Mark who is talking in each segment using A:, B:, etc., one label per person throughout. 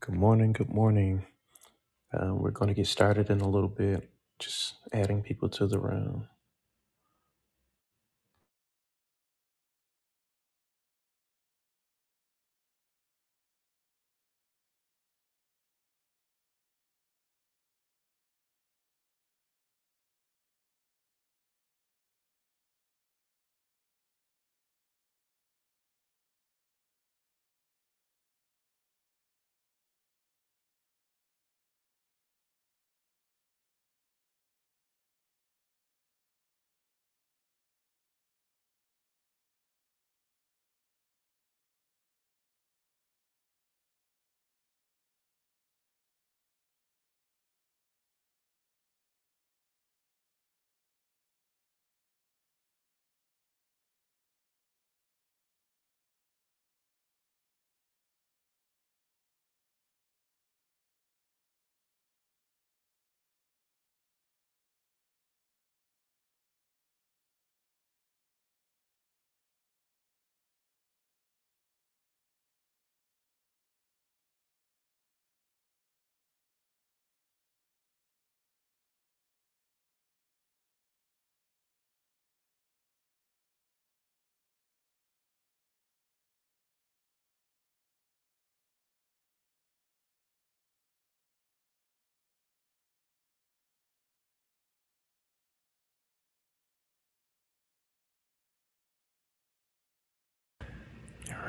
A: Good morning. Good morning. Uh, we're going to get started in a little bit. Just adding people to the room.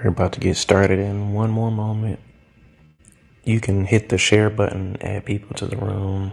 A: We're about to get started in one more moment. You can hit the share button, add people to the room.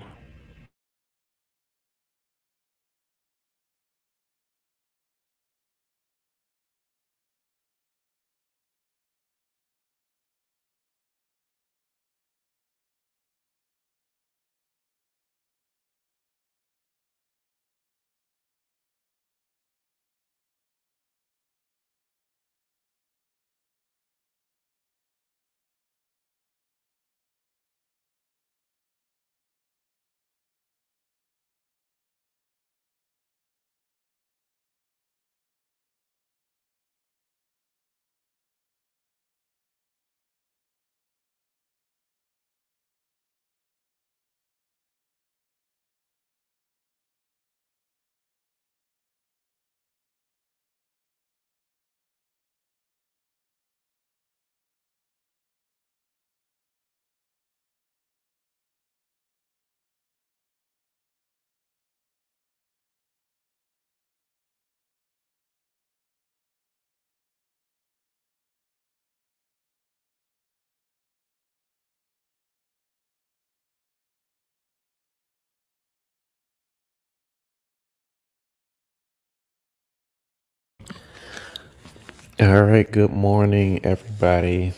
A: All right. Good morning, everybody.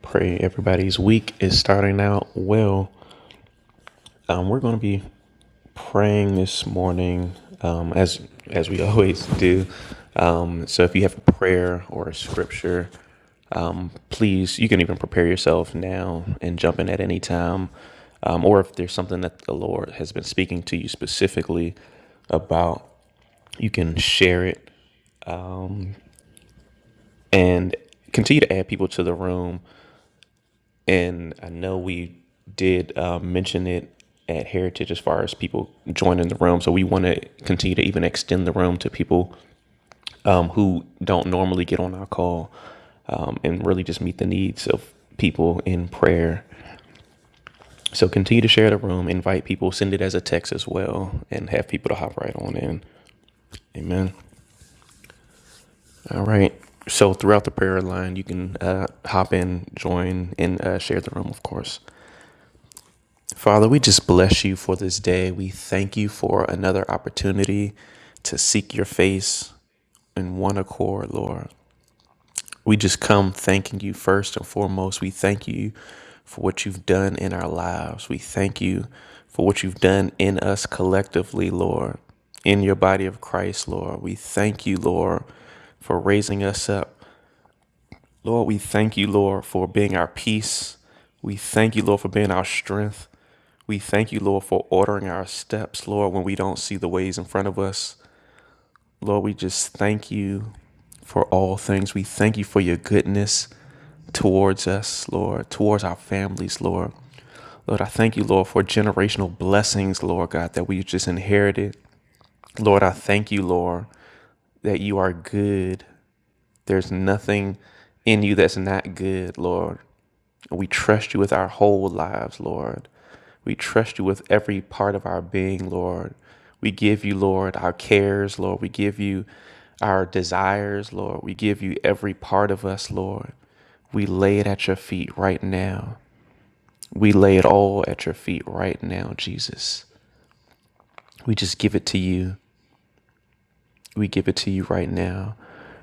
A: Pray everybody's week is starting out well. Um, we're going to be praying this morning, um, as as we always do. Um, so if you have a prayer or a scripture please, you can even prepare yourself now and jump in at any time. Um, or if there's something that the Lord has been speaking to you specifically about, you can share it and continue to add people to the room. And I know we did uh, mention it at Heritage as far as people joining the room. So we want to continue to even extend the room to people um, who don't normally get on our call um, and really just meet the needs of people in prayer So continue to share the room, invite people, send it as a text as well, and have people to hop right on in. Amen. All right. So throughout the prayer line, you can uh, hop in, join, and uh, share the room, of course. Father, we just bless you for this day. We thank you for another opportunity to seek your face in one accord, Lord. We just come thanking you first and foremost. We thank you for what you've done in our lives. We thank you for what you've done in us collectively, Lord, in your body of Christ, Lord. We thank you, Lord, for raising us up. Lord, we thank you, Lord, for being our peace. We thank you, Lord, for being our strength. We thank you, Lord, for ordering our steps, Lord, when we don't see the ways in front of us. Lord, we just thank you for all things. We thank you for your goodness towards us, Lord, towards our families, Lord. Lord, I thank you, Lord, for generational blessings, Lord God, that we just inherited. Lord, I thank you, Lord, that you are good there's nothing in you that's not good, Lord. We trust you with our whole lives, Lord. We trust you with every part of our being, Lord. We give you, Lord, our cares, Lord. We give you our desires, Lord. We give you every part of us, Lord. We lay it at your feet right now. We lay it all at your feet right now, Jesus. We just give it to you. We give it to you right now.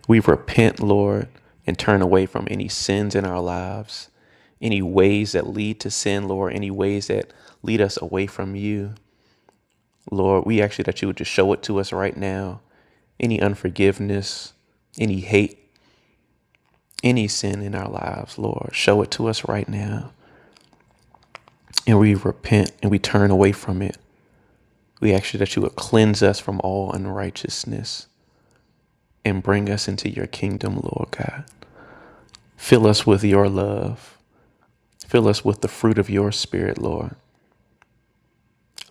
A: We repent, Lord, and turn away from any sins in our lives, any ways that lead to sin, Lord, any ways that lead us away from you. Lord, we actually that you would just show it to us right now. Any unforgiveness, any hate, any sin in our lives, Lord, show it to us right now. And we repent and we turn away from it. We ask you that you would cleanse us from all unrighteousness and bring us into your kingdom, Lord God. Fill us with your love. Fill us with the fruit of your spirit, Lord.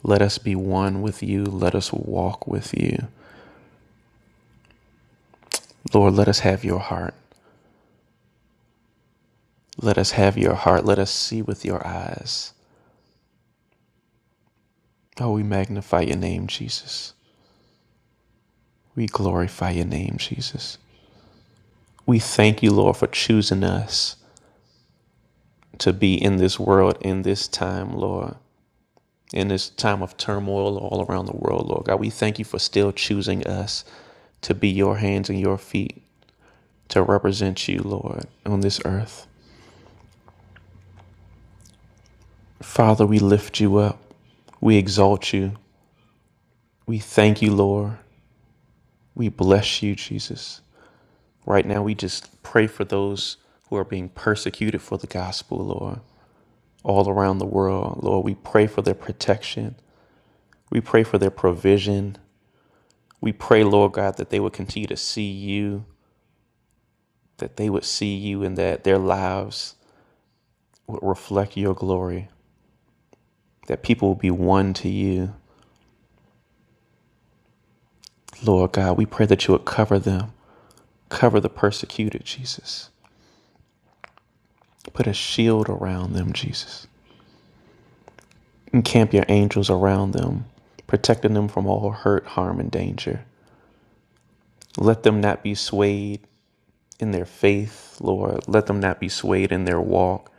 A: Let us be one with you. Let us walk with you. Lord, let us have your heart. Let us have your heart. Let us see with your eyes. Oh, we magnify your name, Jesus. We glorify your name, Jesus. We thank you, Lord, for choosing us to be in this world in this time, Lord. In this time of turmoil all around the world, Lord God, we thank you for still choosing us to be your hands and your feet to represent you, Lord, on this earth. Father, we lift you up. We exalt you. We thank you, Lord. We bless you, Jesus. Right now, we just pray for those who are being persecuted for the gospel, Lord, all around the world. Lord, we pray for their protection. We pray for their provision. We pray, Lord God, that they would continue to see you, that they would see you, and that their lives would reflect your glory, that people will be one to you, Lord God, we pray that you would cover them, cover the persecuted, Jesus. Put a shield around them, Jesus. Encamp your angels around them, protecting them from all hurt, harm, and danger. Let them not be swayed in their faith, Lord. Let them not be swayed in their walk.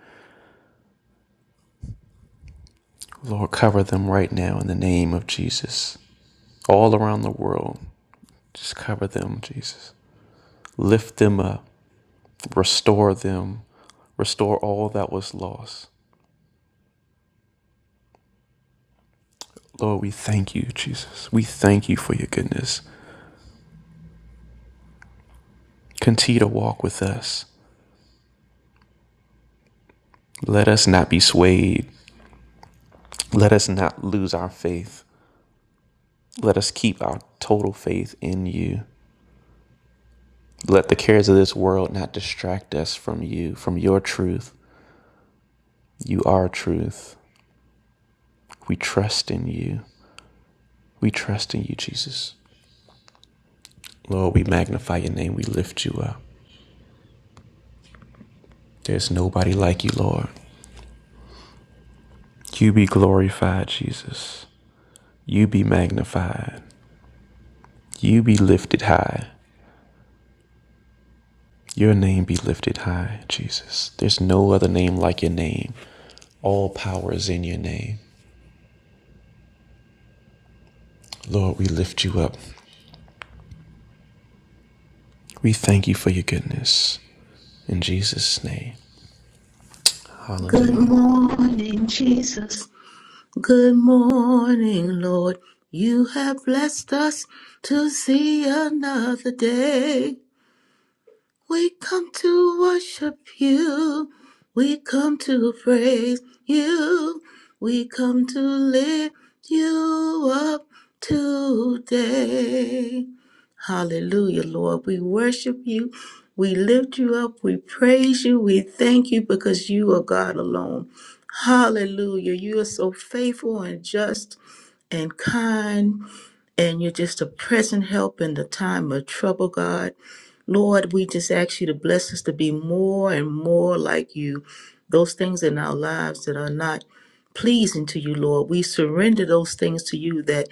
A: Lord, cover them right now in the name of Jesus. All around the world, just cover them, Jesus. Lift them up, restore them, restore all that was lost. Lord, we thank you, Jesus. We thank you for your goodness. Continue to walk with us. Let us not be swayed. Let us not lose our faith. Let us keep our total faith in you. Let the cares of this world not distract us from you, from your truth. You are truth. We trust in you. We trust in you, Jesus. Lord, we magnify your name. We lift you up. There's nobody like you, Lord. You be glorified, Jesus. You be magnified. You be lifted high. Your name be lifted high, Jesus. There's no other name like your name. All power is in your name. Lord, we lift you up. We thank you for your goodness. In Jesus' name,
B: Good
A: hallelujah.
B: morning, Jesus. Good morning, Lord. You have blessed us to see another day. We come to worship you. We come to praise you. We come to lift you up today. Hallelujah, Lord. We worship you. We lift you up. We praise you. We thank you because you are God alone. Hallelujah. You are so faithful and just and kind and you're just a present help in the time of trouble, God. Lord, we just ask you to bless us to be more and more like you. Those things in our lives that are not pleasing to you, Lord, we surrender those things to you that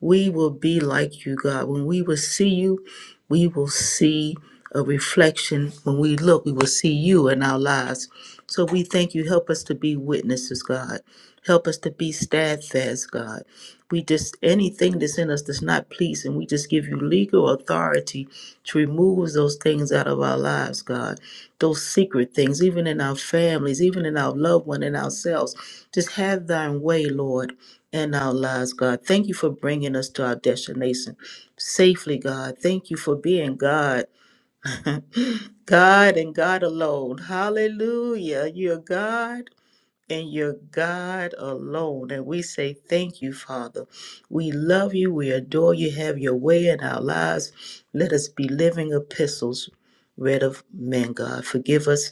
B: we will be like you, God. When we will see you, we will see a reflection. When we look, we will see you in our lives. So we thank you. Help us to be witnesses, God. Help us to be steadfast, God. We just anything that's in us that's not pleasing, we just give you legal authority to remove those things out of our lives, God. Those secret things, even in our families, even in our loved one, in ourselves. Just have thine way, Lord, in our lives, God. Thank you for bringing us to our destination safely, God. Thank you for being God, God and God alone. Hallelujah. You're God and your God alone. And we say thank you, Father. We love you. We adore you. Have your way in our lives. Let us be living epistles read of men, God. Forgive us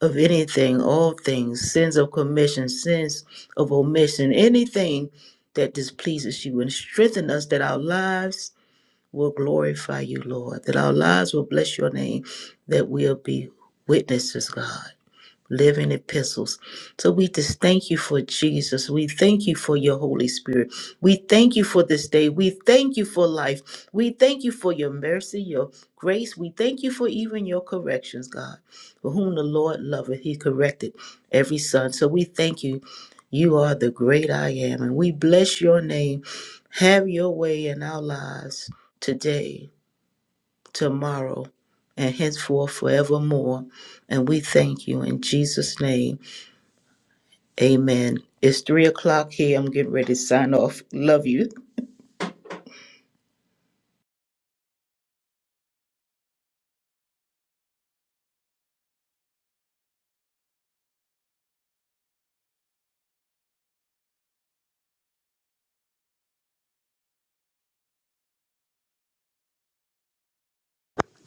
B: of anything, all things, sins of commission, sins of omission, anything that displeases you, and strengthen us that our lives will glorify you, Lord, that our lives will bless your name, that we'll be witnesses, God living epistles. So we just thank you for Jesus. We thank you for your Holy Spirit. We thank you for this day. We thank you for life. We thank you for your mercy, your grace. We thank you for even your corrections, God. For whom the Lord loveth, he corrected every son. So we thank you. You are the great I am, and we bless your name. Have your way in our lives today, tomorrow, and henceforth forevermore. And we thank you in Jesus' name. Amen. It's three o'clock here. I'm getting ready to sign off. Love you.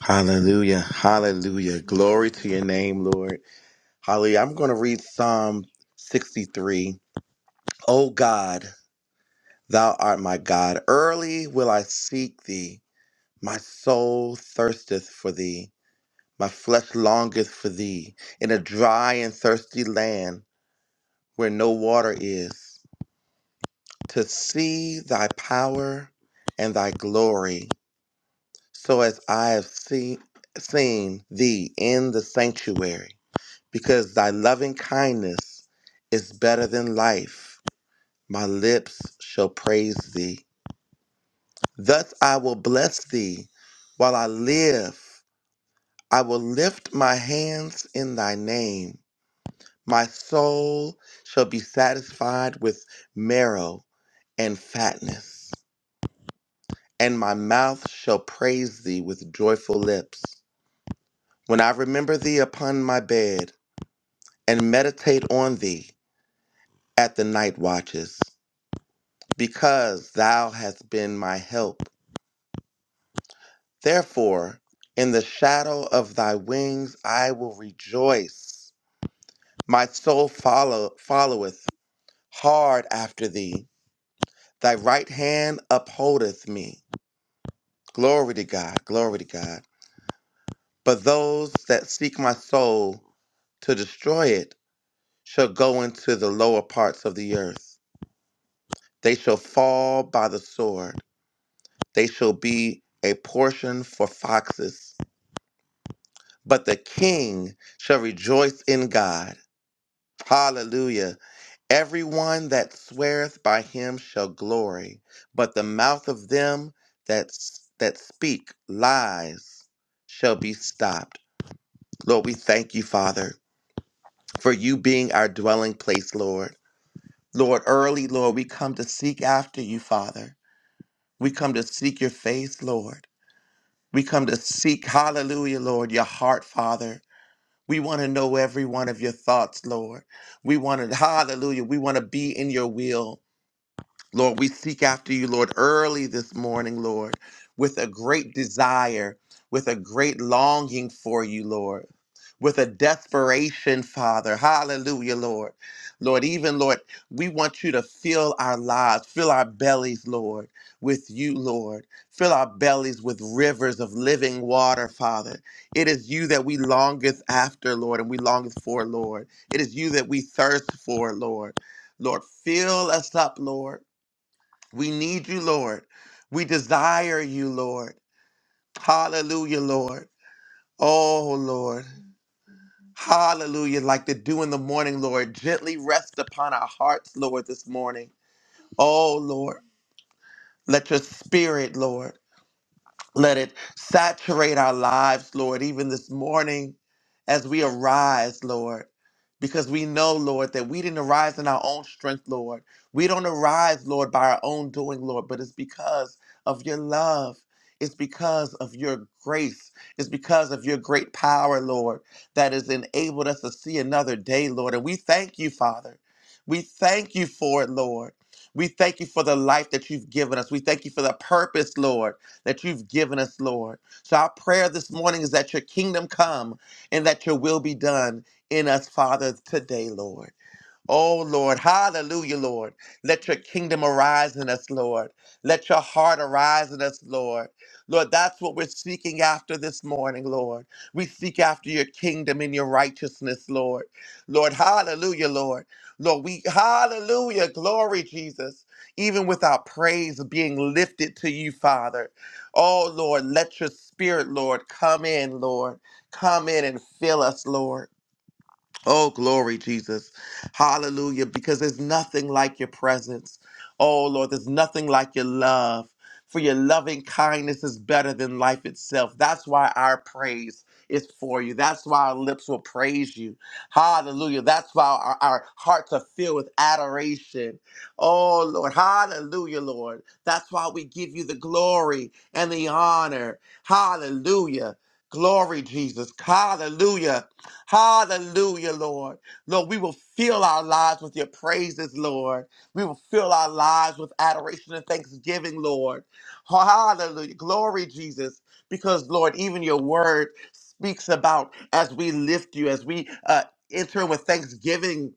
C: Hallelujah. Hallelujah. Glory to your name, Lord. Hallelujah. I'm going to read Psalm 63. O God, thou art my God. Early will I seek thee. My soul thirsteth for thee. My flesh longeth for thee in a dry and thirsty land where no water is, to see thy power and thy glory, so as I have seen, seen thee in the sanctuary. because thy loving kindness is better than life. My lips shall praise thee. Thus I will bless thee while I live. I will lift my hands in thy name. My soul shall be satisfied with marrow and fatness, and my mouth shall praise thee with joyful lips. When I remember thee upon my bed and meditate on thee at the night watches, because thou hast been my help. Therefore, in the shadow of thy wings I will rejoice. My soul follow, followeth hard after thee. Thy right hand upholdeth me. Glory to God, glory to God. But those that seek my soul to destroy it shall go into the lower parts of the earth. They shall fall by the sword. They shall be a portion for foxes but the king shall rejoice in God. Hallelujah. Everyone that sweareth by him shall glory, but the mouth of them that, that speak lies shall be stopped. Lord, we thank you, Father, for you being our dwelling place, Lord. Lord, early, Lord, we come to seek after you, Father. We come to seek your face, Lord. We come to seek, hallelujah, Lord, your heart, Father. We want to know every one of your thoughts, Lord. We want to, hallelujah, we want to be in your will. Lord, we seek after you, Lord, early this morning, Lord, with a great desire, with a great longing for you, Lord, with a desperation, Father. Hallelujah, Lord. Lord, even, Lord, we want you to fill our lives, fill our bellies, Lord, with you, Lord. Fill our bellies with rivers of living water, Father. It is you that we longeth after, Lord, and we longeth for, Lord. It is you that we thirst for, Lord. Lord, fill us up, Lord. We need you, Lord. We desire you, Lord. Hallelujah, Lord. Oh, Lord. Hallelujah. Like the dew in the morning, Lord. Gently rest upon our hearts, Lord, this morning. Oh, Lord. Let your spirit, Lord. Let it saturate our lives, Lord, even this morning as we arise, Lord, because we know, Lord, that we didn't arise in our own strength, Lord. We don't arise, Lord, by our own doing, Lord, but it's because of your love. It's because of your grace. It's because of your great power, Lord, that has enabled us to see another day, Lord. And we thank you, Father. We thank you for it, Lord. We thank you for the life that you've given us. We thank you for the purpose, Lord that you've given us, Lord. So our prayer this morning is that your kingdom come and that your will be done in us, Father, today, Lord. Oh Lord, hallelujah, Lord. Let your kingdom arise in us, Lord. Let your heart arise in us, Lord. Lord, that's what we're seeking after this morning, Lord. We seek after your kingdom and your righteousness, Lord. Lord, hallelujah, Lord. Lord, we, hallelujah, glory, Jesus. Even with our praise being lifted to you, Father. Oh, Lord, let your spirit, Lord, come in, Lord. Come in and fill us, Lord. Oh, glory, Jesus. Hallelujah. Because there's nothing like your presence. Oh, Lord, there's nothing like your love. For your loving kindness is better than life itself. That's why our praise is for you. That's why our lips will praise you. Hallelujah. That's why our, our hearts are filled with adoration. Oh, Lord. Hallelujah, Lord. That's why we give you the glory and the honor. Hallelujah. Glory, Jesus. Hallelujah. Hallelujah, Lord. Lord, we will fill our lives with your praises, Lord. We will fill our lives with adoration and thanksgiving, Lord. Hallelujah. Glory, Jesus. Because, Lord, even your word speaks about as we lift you, as we uh, enter with thanksgiving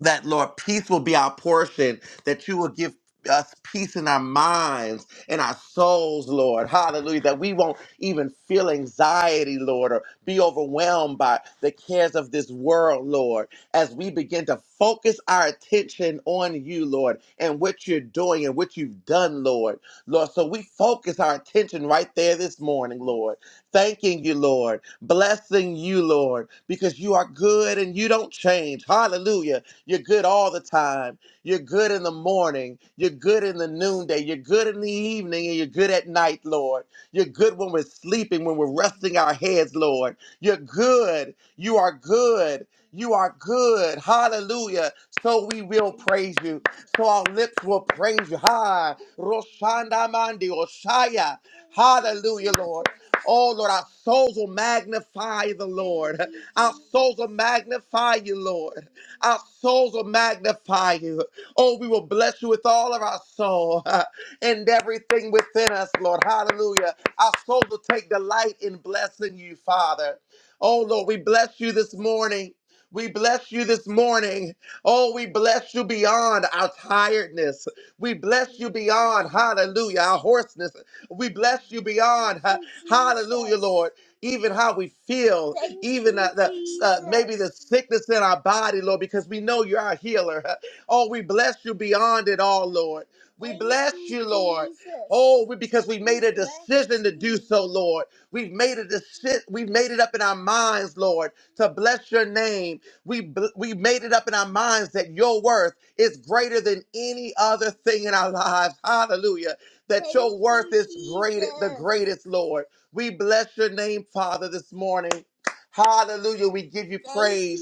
C: that Lord, peace will be our portion, that you will give us peace in our minds and our souls, Lord. Hallelujah. That we won't even feel anxiety, Lord, or be overwhelmed by the cares of this world, Lord, as we begin to focus our attention on you, Lord, and what you're doing and what you've done, Lord. Lord, so we focus our attention right there this morning, Lord. Thanking you, Lord. Blessing you, Lord, because you are good and you don't change. Hallelujah you're good all the time. You're good in the morning. You're good in the noonday. You're good in the evening and you're good at night, Lord. You're good when we're sleeping, when we're resting our heads, Lord. You're good. You are good. You are good. Hallelujah. So we will praise you. So our lips will praise you. Ha. Roshanda mandi Oshaya. Hallelujah, Lord. Oh, Lord, our souls will magnify the Lord. Our souls will magnify you, Lord. Our souls will magnify you. Oh, we will bless you with all of our soul and everything within us, Lord. Hallelujah. Our soul will take delight in blessing you, Father. Oh, Lord, we bless you this morning. We bless you this morning. Oh, we bless you beyond our tiredness. We bless you beyond, hallelujah, our hoarseness. We bless you beyond, ha- hallelujah, Lord even how we feel, Thank even you, uh, the uh, maybe the Jesus. sickness in our body, Lord, because we know you're our healer. Oh, we bless you beyond it all, Lord. We Thank bless you, you, Lord. Jesus. Oh, we, because we We made a bless decision to do you. so, Lord. We've made a decision. We've made it up in our minds, Lord, to bless your name. We bl- we made it up in our minds that your worth is greater than any other thing in our lives. Hallelujah. That Thank your worth you, is greater, the Jesus. greatest, Lord. We bless your name, Father, this morning. Hallelujah. We give you praise.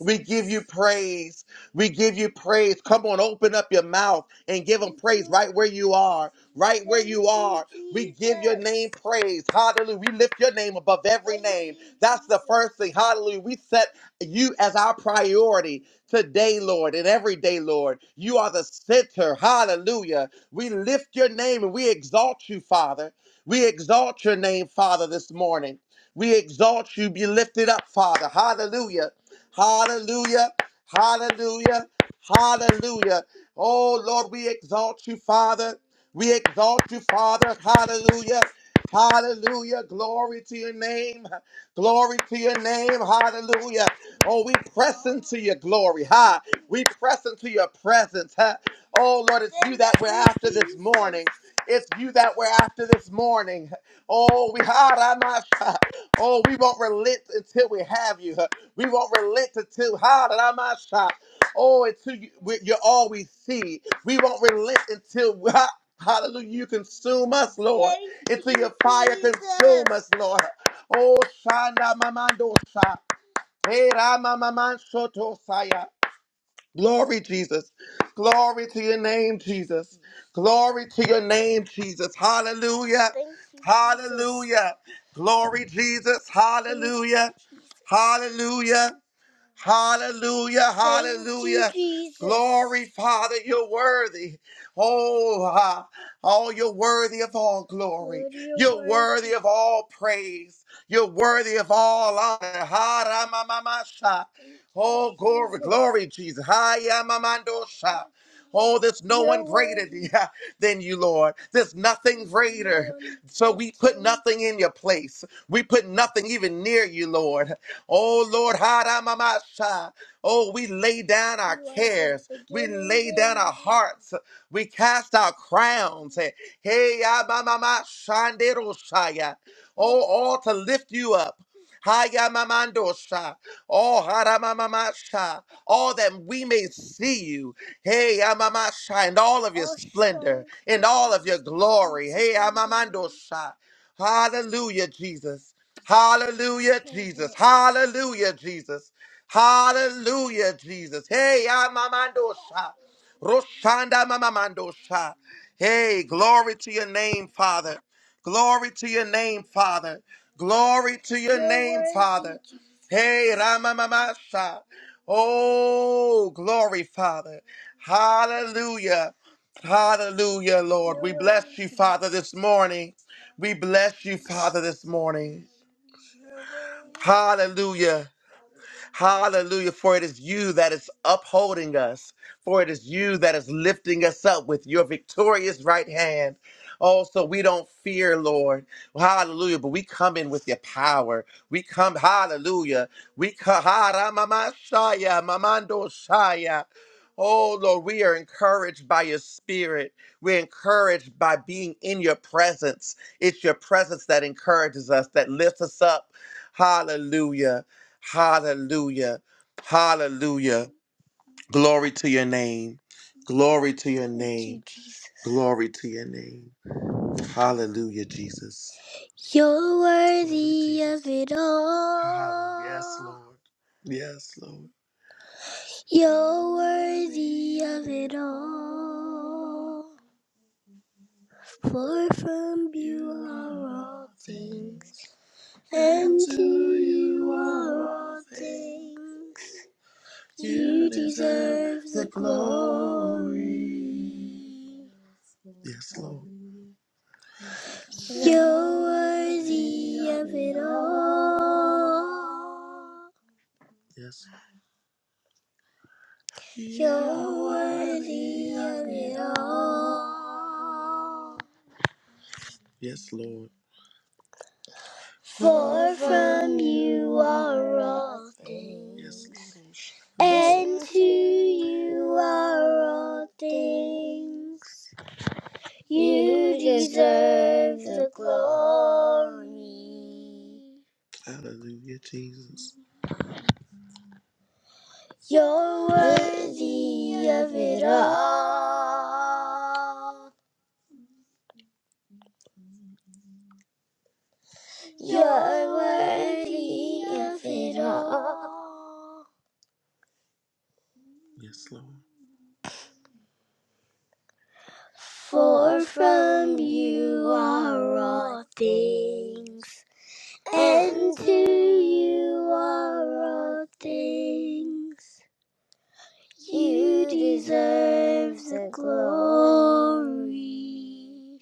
C: We give you praise. We give you praise. Come on, open up your mouth and give them praise right where you are. Right where you are. We give your name praise. Hallelujah. We lift your name above every name. That's the first thing. Hallelujah. We set you as our priority today, Lord, and every day, Lord. You are the center. Hallelujah. We lift your name and we exalt you, Father. We exalt your name, Father, this morning. We exalt you. Be lifted up, Father. Hallelujah. Hallelujah. Hallelujah. Hallelujah. Oh, Lord, we exalt you, Father. We exalt you, Father. Hallelujah. Hallelujah. Glory to your name. Glory to your name. Hallelujah. Oh, we press into your glory. Ha. We press into your presence. Ha. Oh, Lord, it's you that we're after this morning. It's you that we're after this morning. Oh, we Haramasha. Oh, we won't relent until we have you. We won't relent until Haramasha. Oh, until you, we- you're all we see. We won't relent until ha- Hallelujah, you consume us, Lord. until your fire Jesus. consume us, Lord. Oh, Shanda Mamando Sha. Hey, Rama Maman Shoto Glory, Jesus. Glory to your name, Jesus. Glory to your name, Jesus. Hallelujah. Thank you, Hallelujah. Jesus. Glory, Jesus. Hallelujah. Hallelujah. Hallelujah. Hallelujah. Jesus. Glory, Father, you're worthy. Oh, ah, oh, you're worthy of all glory. Lord, you're You're worthy worthy. of all praise. You're worthy of all honor. Ha, ra, ma, ma, ma, sha. Oh, glory, Jesus. glory, Jesus. Ha, ya, ma, ma, do, sha. Oh, there's no You're one greater worthy. th- than you, Lord. There's nothing No greater. one So like we put nothing in your place. We put nothing even near you, Lord. Oh Lord, Haramamasa. Oh, we lay down our cares. We lay down our hearts. We cast our crowns. and Hey, Abamama Oh, all to lift you up. Haya mamandosha. Oh, haramamamasha. All that we may see you. Hey, amamasha. In all of your splendor. In all of your glory. Hey, amamandosha. Hallelujah, Jesus. Hallelujah, Jesus. Hallelujah, Jesus. Hallelujah, Jesus. Hey, Amamandosha. Roshanda Mamamandosha. Hey, glory to your name, Father. Glory to your name, Father. Glory to your name, Father. Hey, Ramamasha. Oh, glory, Father. Hallelujah. Hallelujah, Lord. We bless you, Father, this morning. We bless you, Father, this morning. Hallelujah. Hallelujah. For it is you that is upholding us, for it is you that is lifting us up with your victorious right hand. Oh, so we don't fear, Lord. Hallelujah. But we come in with your power. We come, hallelujah. We come, shaya, mamando shaya. Oh, Lord, we are encouraged by your spirit. We're encouraged by being in your presence. It's your presence that encourages us, that lifts us up. Hallelujah. Hallelujah. Hallelujah. Glory to your name. Glory to your Thank you, name. Jesus. Glory to your name. Hallelujah, Jesus. You're worthy Glory to worthy Jesus. of it all. Hallelujah. Yes, Lord. Yes, Lord. You're worthy of it all. For from you are all things, And to you are all things. You deserve the glory. Yes, Lord. You're worthy of it all. Yes, You're worthy of it all. Yes, Lord. For from you are all Yes, things, Yes, Lord. and to you are all things. You deserve the glory. Hallelujah, Jesus. You're worthy of it all. You're worthy of it all. Yes, Lord. For from you are all things, and to you are all things. You deserve the glory.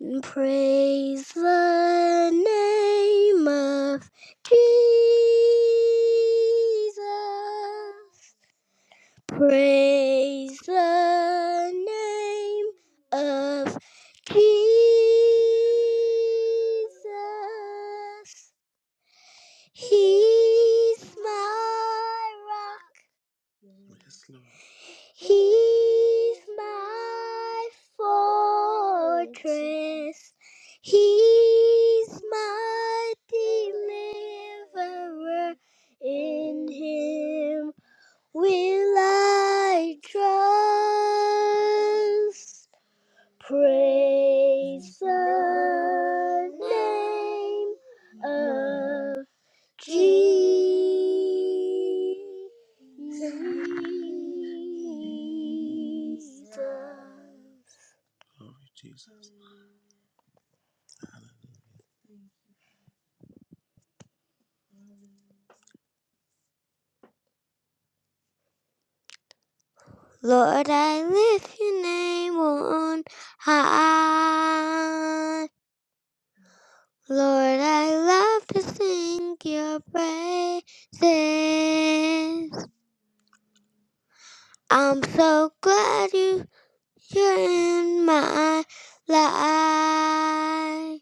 C: and Praise the name of Jesus. Praise the name of Jesus. He's my rock. He's my fortress. He's my deliverer. In him will I trust. Praise the name of. Jesus. Glory Jesus. Lord, I lift your name on high. Lord, I love to sing your praises. I'm so glad you, you're in my life.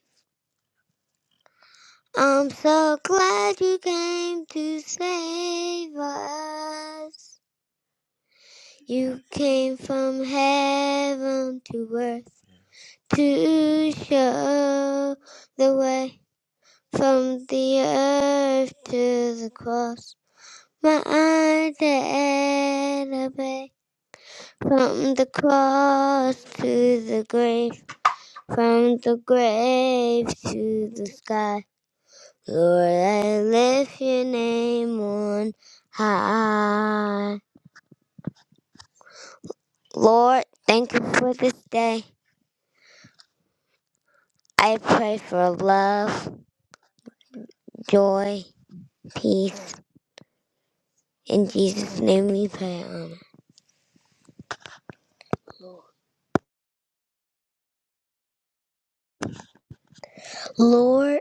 C: I'm so glad you came to save us. You came from heaven to earth to show the way from the earth to the cross. My dead obey from the cross to the grave, from the grave to the sky. Lord, I lift your name on high. Lord, thank you for this day. I pray for love, joy, peace. In Jesus' name we pray. Amen. Lord,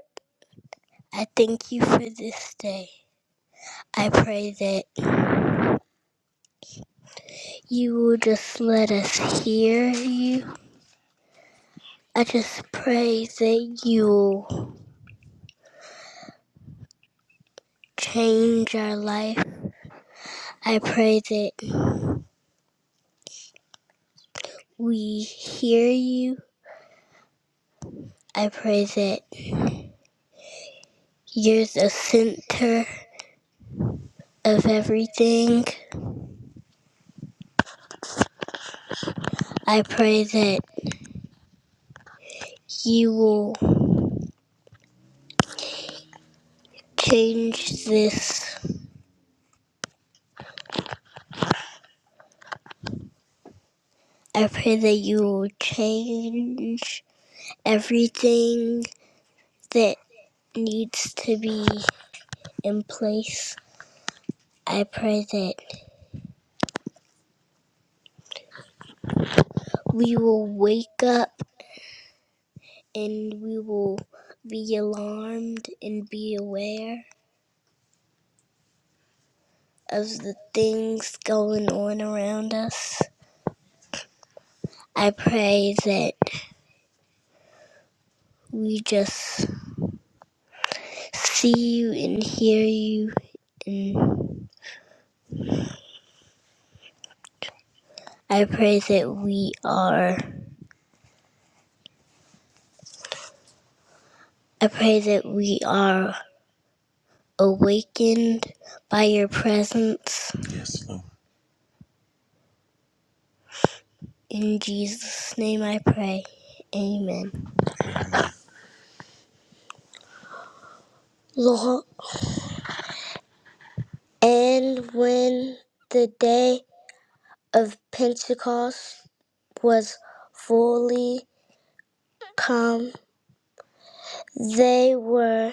C: I thank you for this day. I pray that you will just let us hear you. I just pray that you will change our life. I pray that we hear you. I pray that You're the center of everything. I pray that you will change this. I pray that you will change everything that needs to be in place. I pray that we will wake up and we will be alarmed and be aware of the things going on around us. I pray that we just see you and hear you and I pray that we are I pray that we are awakened by your presence. Yes, Lord. In Jesus' name I pray. Amen. Lord, and when the day of Pentecost was fully come, they were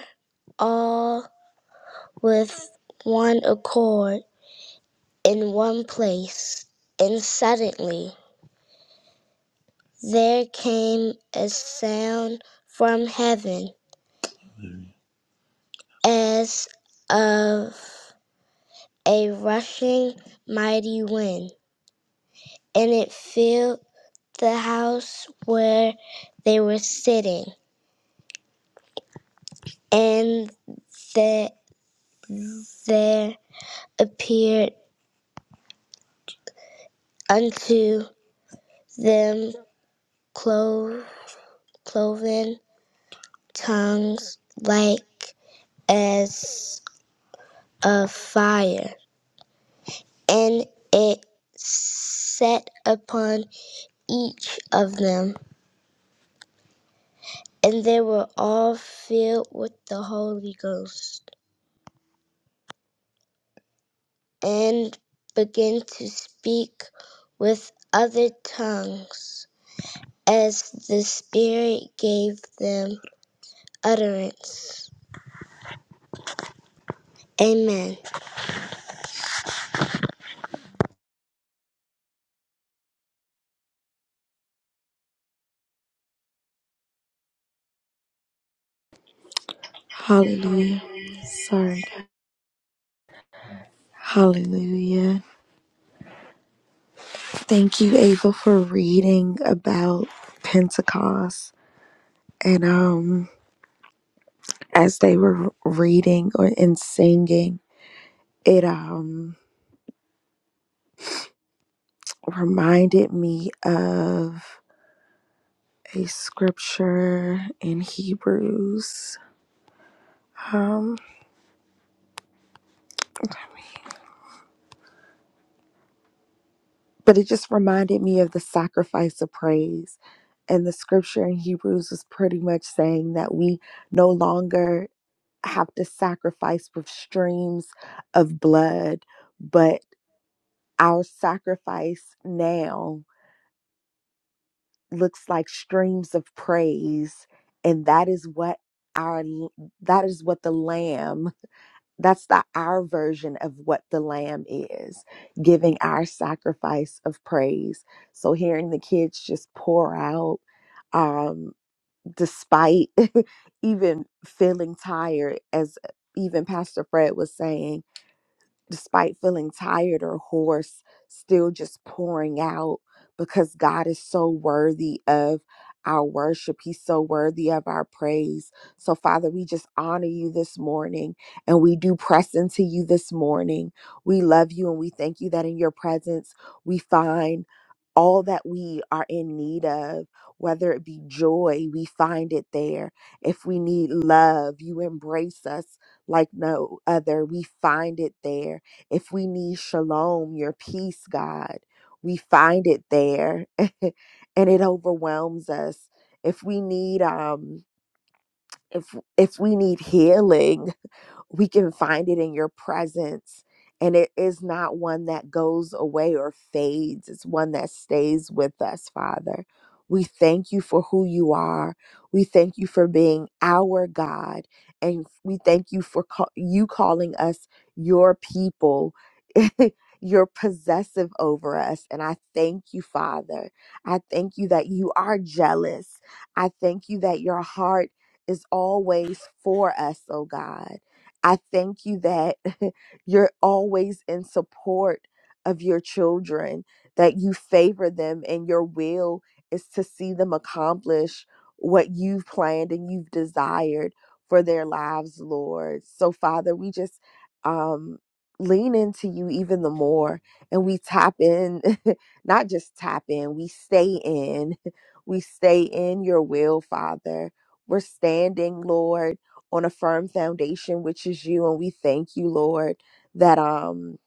C: all with one accord in one place, and suddenly there came a sound from heaven as of a rushing mighty wind, and it filled the house where they were sitting, and that there appeared unto them clo- cloven tongues like as of fire and it sat upon each of them. And they were all filled with the Holy Ghost and began to speak with other tongues as the Spirit gave them utterance. Amen.
D: Hallelujah. Sorry. Hallelujah. Thank you, Ava, for reading about Pentecost. And um as they were reading or and singing, it um reminded me of a scripture in Hebrews. Um but it just reminded me of the sacrifice of praise. And the scripture in Hebrews was pretty much saying that we no longer have to sacrifice with streams of blood, but our sacrifice now looks like streams of praise, and that is what our that is what the lamb that's the our version of what the lamb is giving our sacrifice of praise so hearing the kids just pour out um despite even feeling tired as even pastor fred was saying despite feeling tired or hoarse, still just pouring out because God is so worthy of our worship. He's so worthy of our praise. So, Father, we just honor you this morning and we do press into you this morning. We love you and we thank you that in your presence we find. All that we are in need of, whether it be joy, we find it there. If we need love, you embrace us like no other. We find it there if we need shalom, your peace, God, we find it there and it overwhelms us. If we need um if if we need healing, we can find it in your presence. And it is not one that goes away or fades, it's one that stays with us, Father. We thank you for who you are. We thank you for being our God. And we thank you for call- you calling us your people. You're possessive over us. And I thank you, Father. I thank you that you are jealous. I thank you that your heart is always for us, oh God. I thank you that you're always in support of your children, that you favor them, and your will is to see them accomplish what you've planned and you've desired for their lives, Lord. So, Father, we just um, lean into you even the more and we tap in, not just tap in, we stay in. We stay in your will, Father. We're standing, Lord on a firm foundation which is you and we thank you lord that um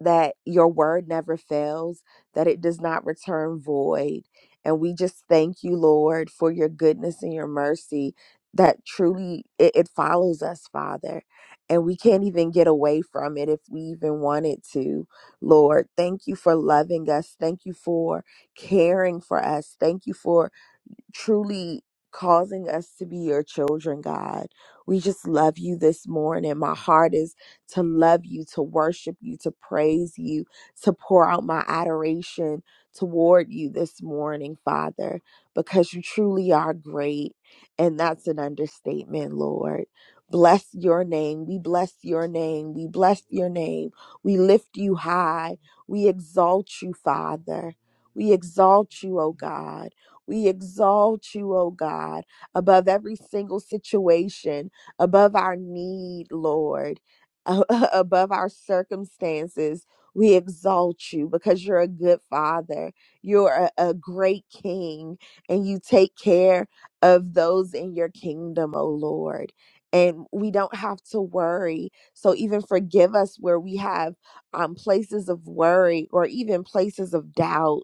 D: that your word never fails that it does not return void and we just thank you lord for your goodness and your mercy that truly it, it follows us father and we can't even get away from it if we even wanted to lord thank you for loving us thank you for caring for us thank you for truly causing us to be your children, God. We just love you this morning. My heart is to love you, to worship you, to praise you, to pour out my adoration toward you this morning, Father, because you truly are great. And that's an understatement, Lord. Bless your name. We bless your name. We bless your name. We lift you high. We exalt you, Father. We exalt you, O God. We exalt you, O God, above every single situation, above our need, Lord, above our circumstances. We exalt you because you're a good father. You're a, a great king, and you take care of those in your kingdom, O Lord. And we don't have to worry. So, even forgive us where we have um, places of worry or even places of doubt.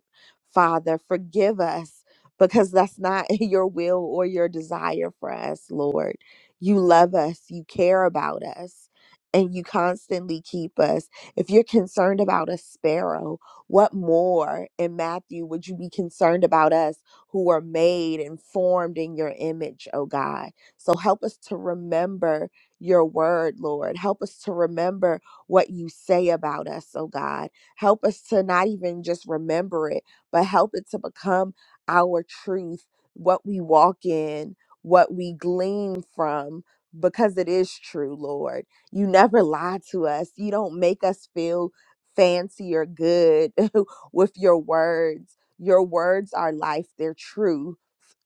D: Father, forgive us because that's not your will or your desire for us, Lord. You love us, you care about us, and you constantly keep us. If you're concerned about a sparrow, what more in Matthew would you be concerned about us who are made and formed in your image, oh God? So help us to remember your word, Lord. Help us to remember what you say about us, oh God. Help us to not even just remember it, but help it to become our truth, what we walk in, what we glean from, because it is true, Lord. You never lie to us. You don't make us feel fancy or good with your words. Your words are life, they're true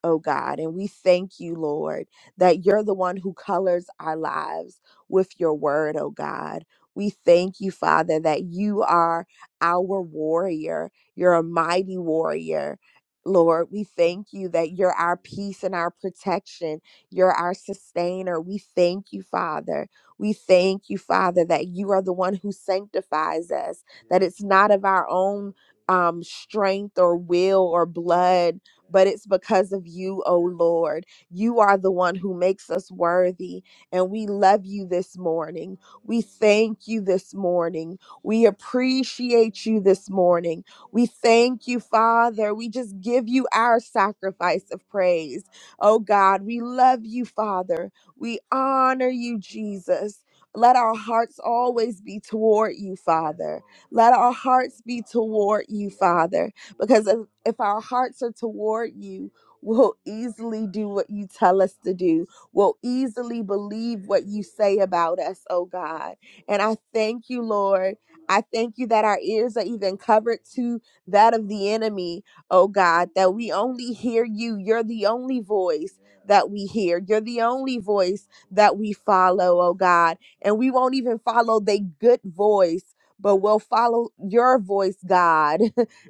D: oh God. And we thank you, Lord, that you're the one who colors our lives with your word, oh God. We thank you, Father, that you are our warrior. You're a mighty warrior. Lord, we thank you that you're our peace and our protection. You're our sustainer. We thank you, Father. We thank you, Father, that you are the one who sanctifies us, that it's not of our own um, strength or will or blood but it's because of you, O Lord. You are the one who makes us worthy, and we love you this morning. We thank you this morning. We appreciate you this morning. We thank you, Father. We just give you our sacrifice of praise. Oh God, we love you, Father. We honor you, Jesus. Let our hearts always be toward you, Father. Let our hearts be toward you, Father because if, if our hearts are toward you, we'll easily do what you tell us to do. We'll easily believe what you say about us, oh God. And I thank you, Lord. I thank you that our ears are even covered to that of the enemy, oh God, that we only hear you. You're the only voice that we hear. You're the only voice that we follow, oh God. And we won't even follow the good voice, but we'll follow your voice, God.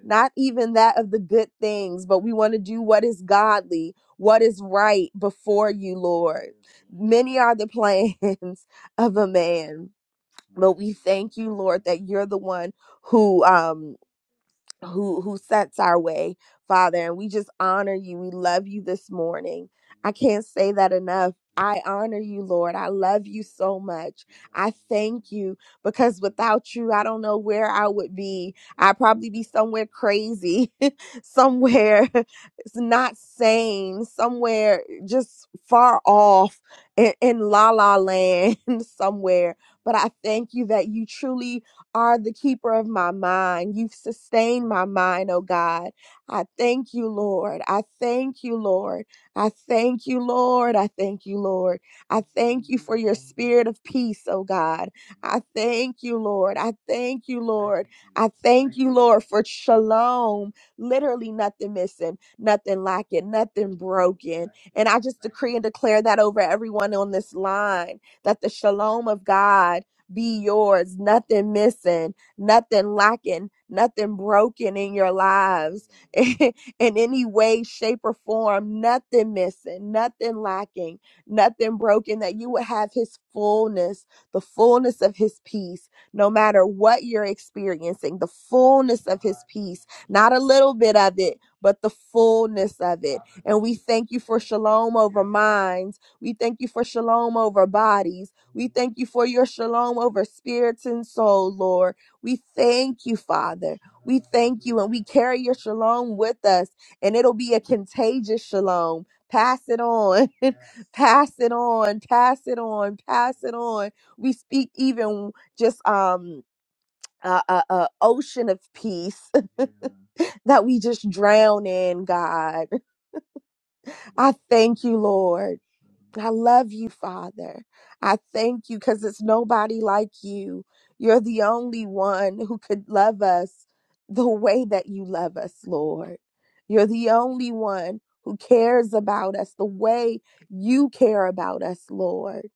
D: not even that of the good things, but we want to do what is godly, what is right before you, Lord. Many are the plans of a man, but we thank you, Lord, that you're the one who um who who sets our way, Father, and we just honor you. We love you this morning. I can't say that enough. I honor you, Lord. I love you so much. I thank you because without you, I don't know where I would be. I'd probably be somewhere crazy, somewhere it's not sane, somewhere just far off in, in la la land, somewhere. But I thank you that you truly are the keeper of my mind. You've sustained my mind, oh God. I thank you, Lord. I thank you, Lord. I thank you, Lord. I thank you, Lord. I thank you for your spirit of peace, oh God. I thank you, Lord. I thank you, Lord. I thank you, Lord, for shalom. Literally nothing missing, nothing lacking, nothing broken. And I just decree and declare that over everyone on this line that the shalom of God be yours, nothing missing, nothing lacking, nothing broken in your lives in any way, shape, or form, nothing missing, nothing lacking, nothing broken, that you would have His fullness, the fullness of His peace, no matter what you're experiencing, the fullness of His peace, not a little bit of it, but the fullness of it. And we thank you for shalom over minds. We thank you for shalom over bodies. We thank you for your shalom over spirits and soul, Lord. We thank you, Father. We thank you, and we carry your shalom with us, and it'll be a contagious shalom. Pass it on, pass it on, pass it on, pass it on. We speak even just um a, a, a ocean of peace that we just drown in, God. I thank you, Lord. I love you, Father. I thank you because it's nobody like you. You're the only one who could love us the way that you love us, Lord. You're the only one who cares about us the way you care about us, Lord.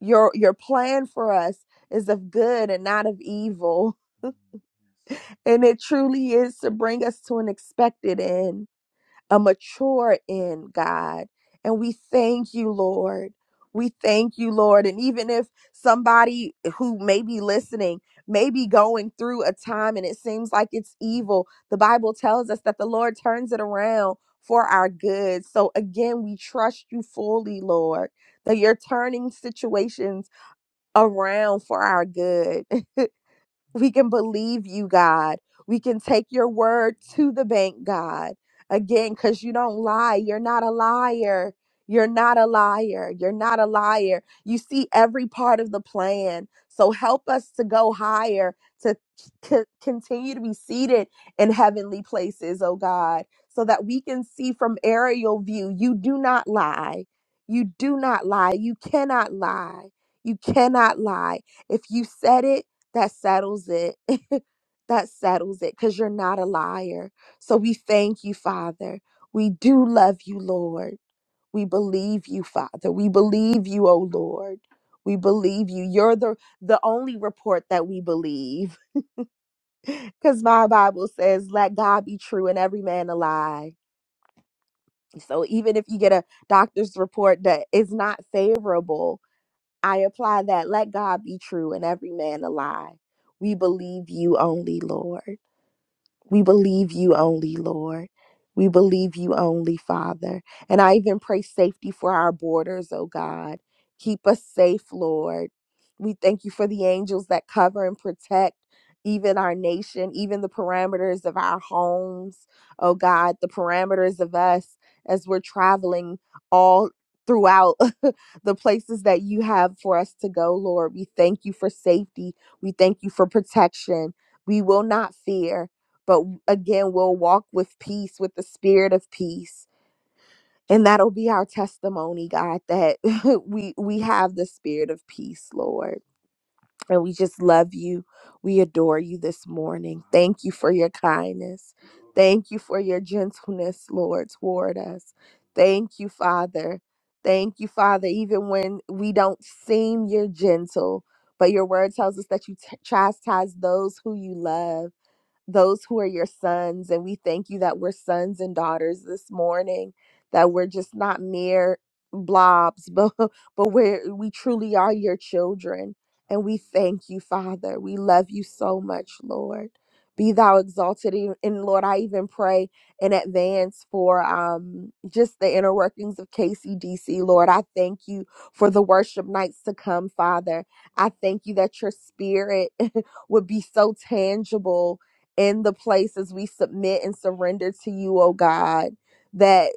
D: Your your plan for us is of good and not of evil, and it truly is to bring us to an expected end a mature in God. And we thank you, Lord. We thank you, Lord. And even if somebody who may be listening may be going through a time and it seems like it's evil, the Bible tells us that the Lord turns it around for our good. So again, we trust you fully, Lord, that you're turning situations around for our good. We can believe you, God. We can take your word to the bank, God. Again, because you don't lie. You're not a liar. You're not a liar. You're not a liar. You see every part of the plan. So help us to go higher, to c- continue to be seated in heavenly places, oh God, so that we can see from aerial view. You do not lie. You do not lie. You cannot lie. You cannot lie. If you said it, that settles it. that settles it because you're not a liar. So we thank you, Father. We do love you, Lord. We believe you, Father. We believe you, oh Lord. We believe you. You're the the only report that we believe. Because my Bible says, let God be true and every man a lie. So even if you get a doctor's report that is not favorable, I apply that. Let God be true and every man a lie. We believe you only, Lord. We believe you only, Lord. We believe you only, Father. And I even pray safety for our borders, oh God. Keep us safe, Lord. We thank you for the angels that cover and protect even our nation, even the parameters of our homes, oh God, the parameters of us as we're traveling all throughout the places that you have for us to go, Lord. We thank you for safety. We thank you for protection. We will not fear but again we'll walk with peace with the spirit of peace and that'll be our testimony god that we we have the spirit of peace lord and we just love you we adore you this morning thank you for your kindness thank you for your gentleness lord toward us thank you father thank you father even when we don't seem you're gentle but your word tells us that you t- chastise those who you love those who are your sons. And we thank you that we're sons and daughters this morning, that we're just not mere blobs, but, but we're, we truly are your children. And we thank you, Father. We love you so much, Lord. Be thou exalted. E- And Lord, I even pray in advance for um, just the inner workings of KCDC. Lord, I thank you for the worship nights to come, Father. I thank you that your spirit would be so tangible in the places we submit and surrender to you, oh God, that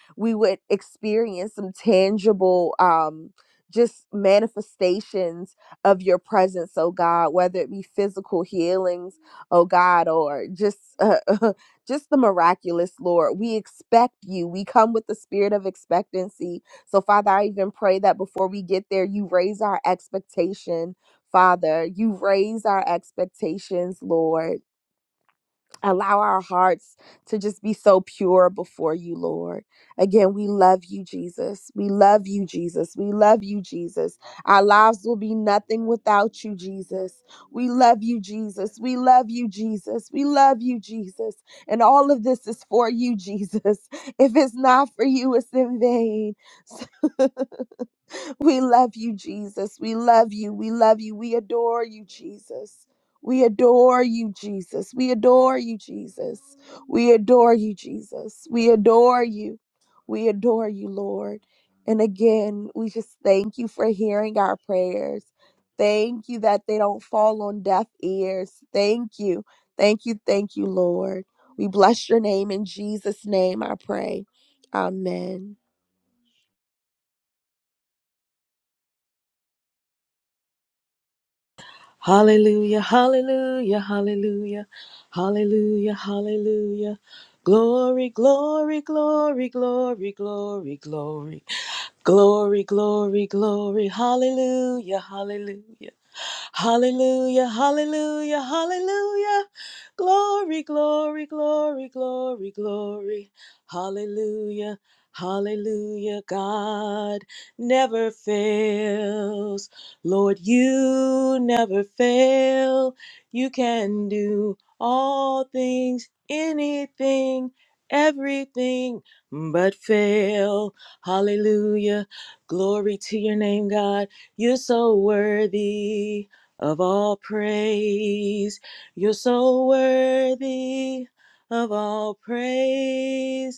D: we would experience some tangible um just manifestations of your presence, oh God, whether it be physical healings, oh God, or just uh, just the miraculous, Lord. We expect you. We come with the spirit of expectancy. So, Father, I even pray that before we get there, you raise our expectation, Father. You raise our expectations, Lord. Allow our hearts to just be so pure before you, Lord. Again, we love you, Jesus. We love you, Jesus. We love you, Jesus. Our lives will be nothing without you, Jesus. We love you, Jesus. We love you, Jesus. We love you, Jesus. And all of this is for you, Jesus. If it's not for you, it's in vain. We love you, Jesus. We love you. We love you. We adore you, Jesus. We adore you, Jesus. We adore you, Jesus. We adore you, Jesus. We adore you. We adore you, Lord. And again, we just thank you for hearing our prayers. Thank you that they don't fall on deaf ears. Thank you. Thank you. Thank you, Lord. We bless your name in Jesus' name, I pray. Amen.
E: Hallelujah, hallelujah, hallelujah, hallelujah, hallelujah. Glory, glory, glory, glory, glory, glory. Glory, glory, glory. Hallelujah, hallelujah. Hallelujah, hallelujah, hallelujah. Glory, glory, glory, glory, glory. Hallelujah. Hallelujah, God never fails. Lord, you never fail. You can do all things, anything, everything but fail. Hallelujah. Glory to your name, God. You're so worthy of all praise. You're so worthy of all praise.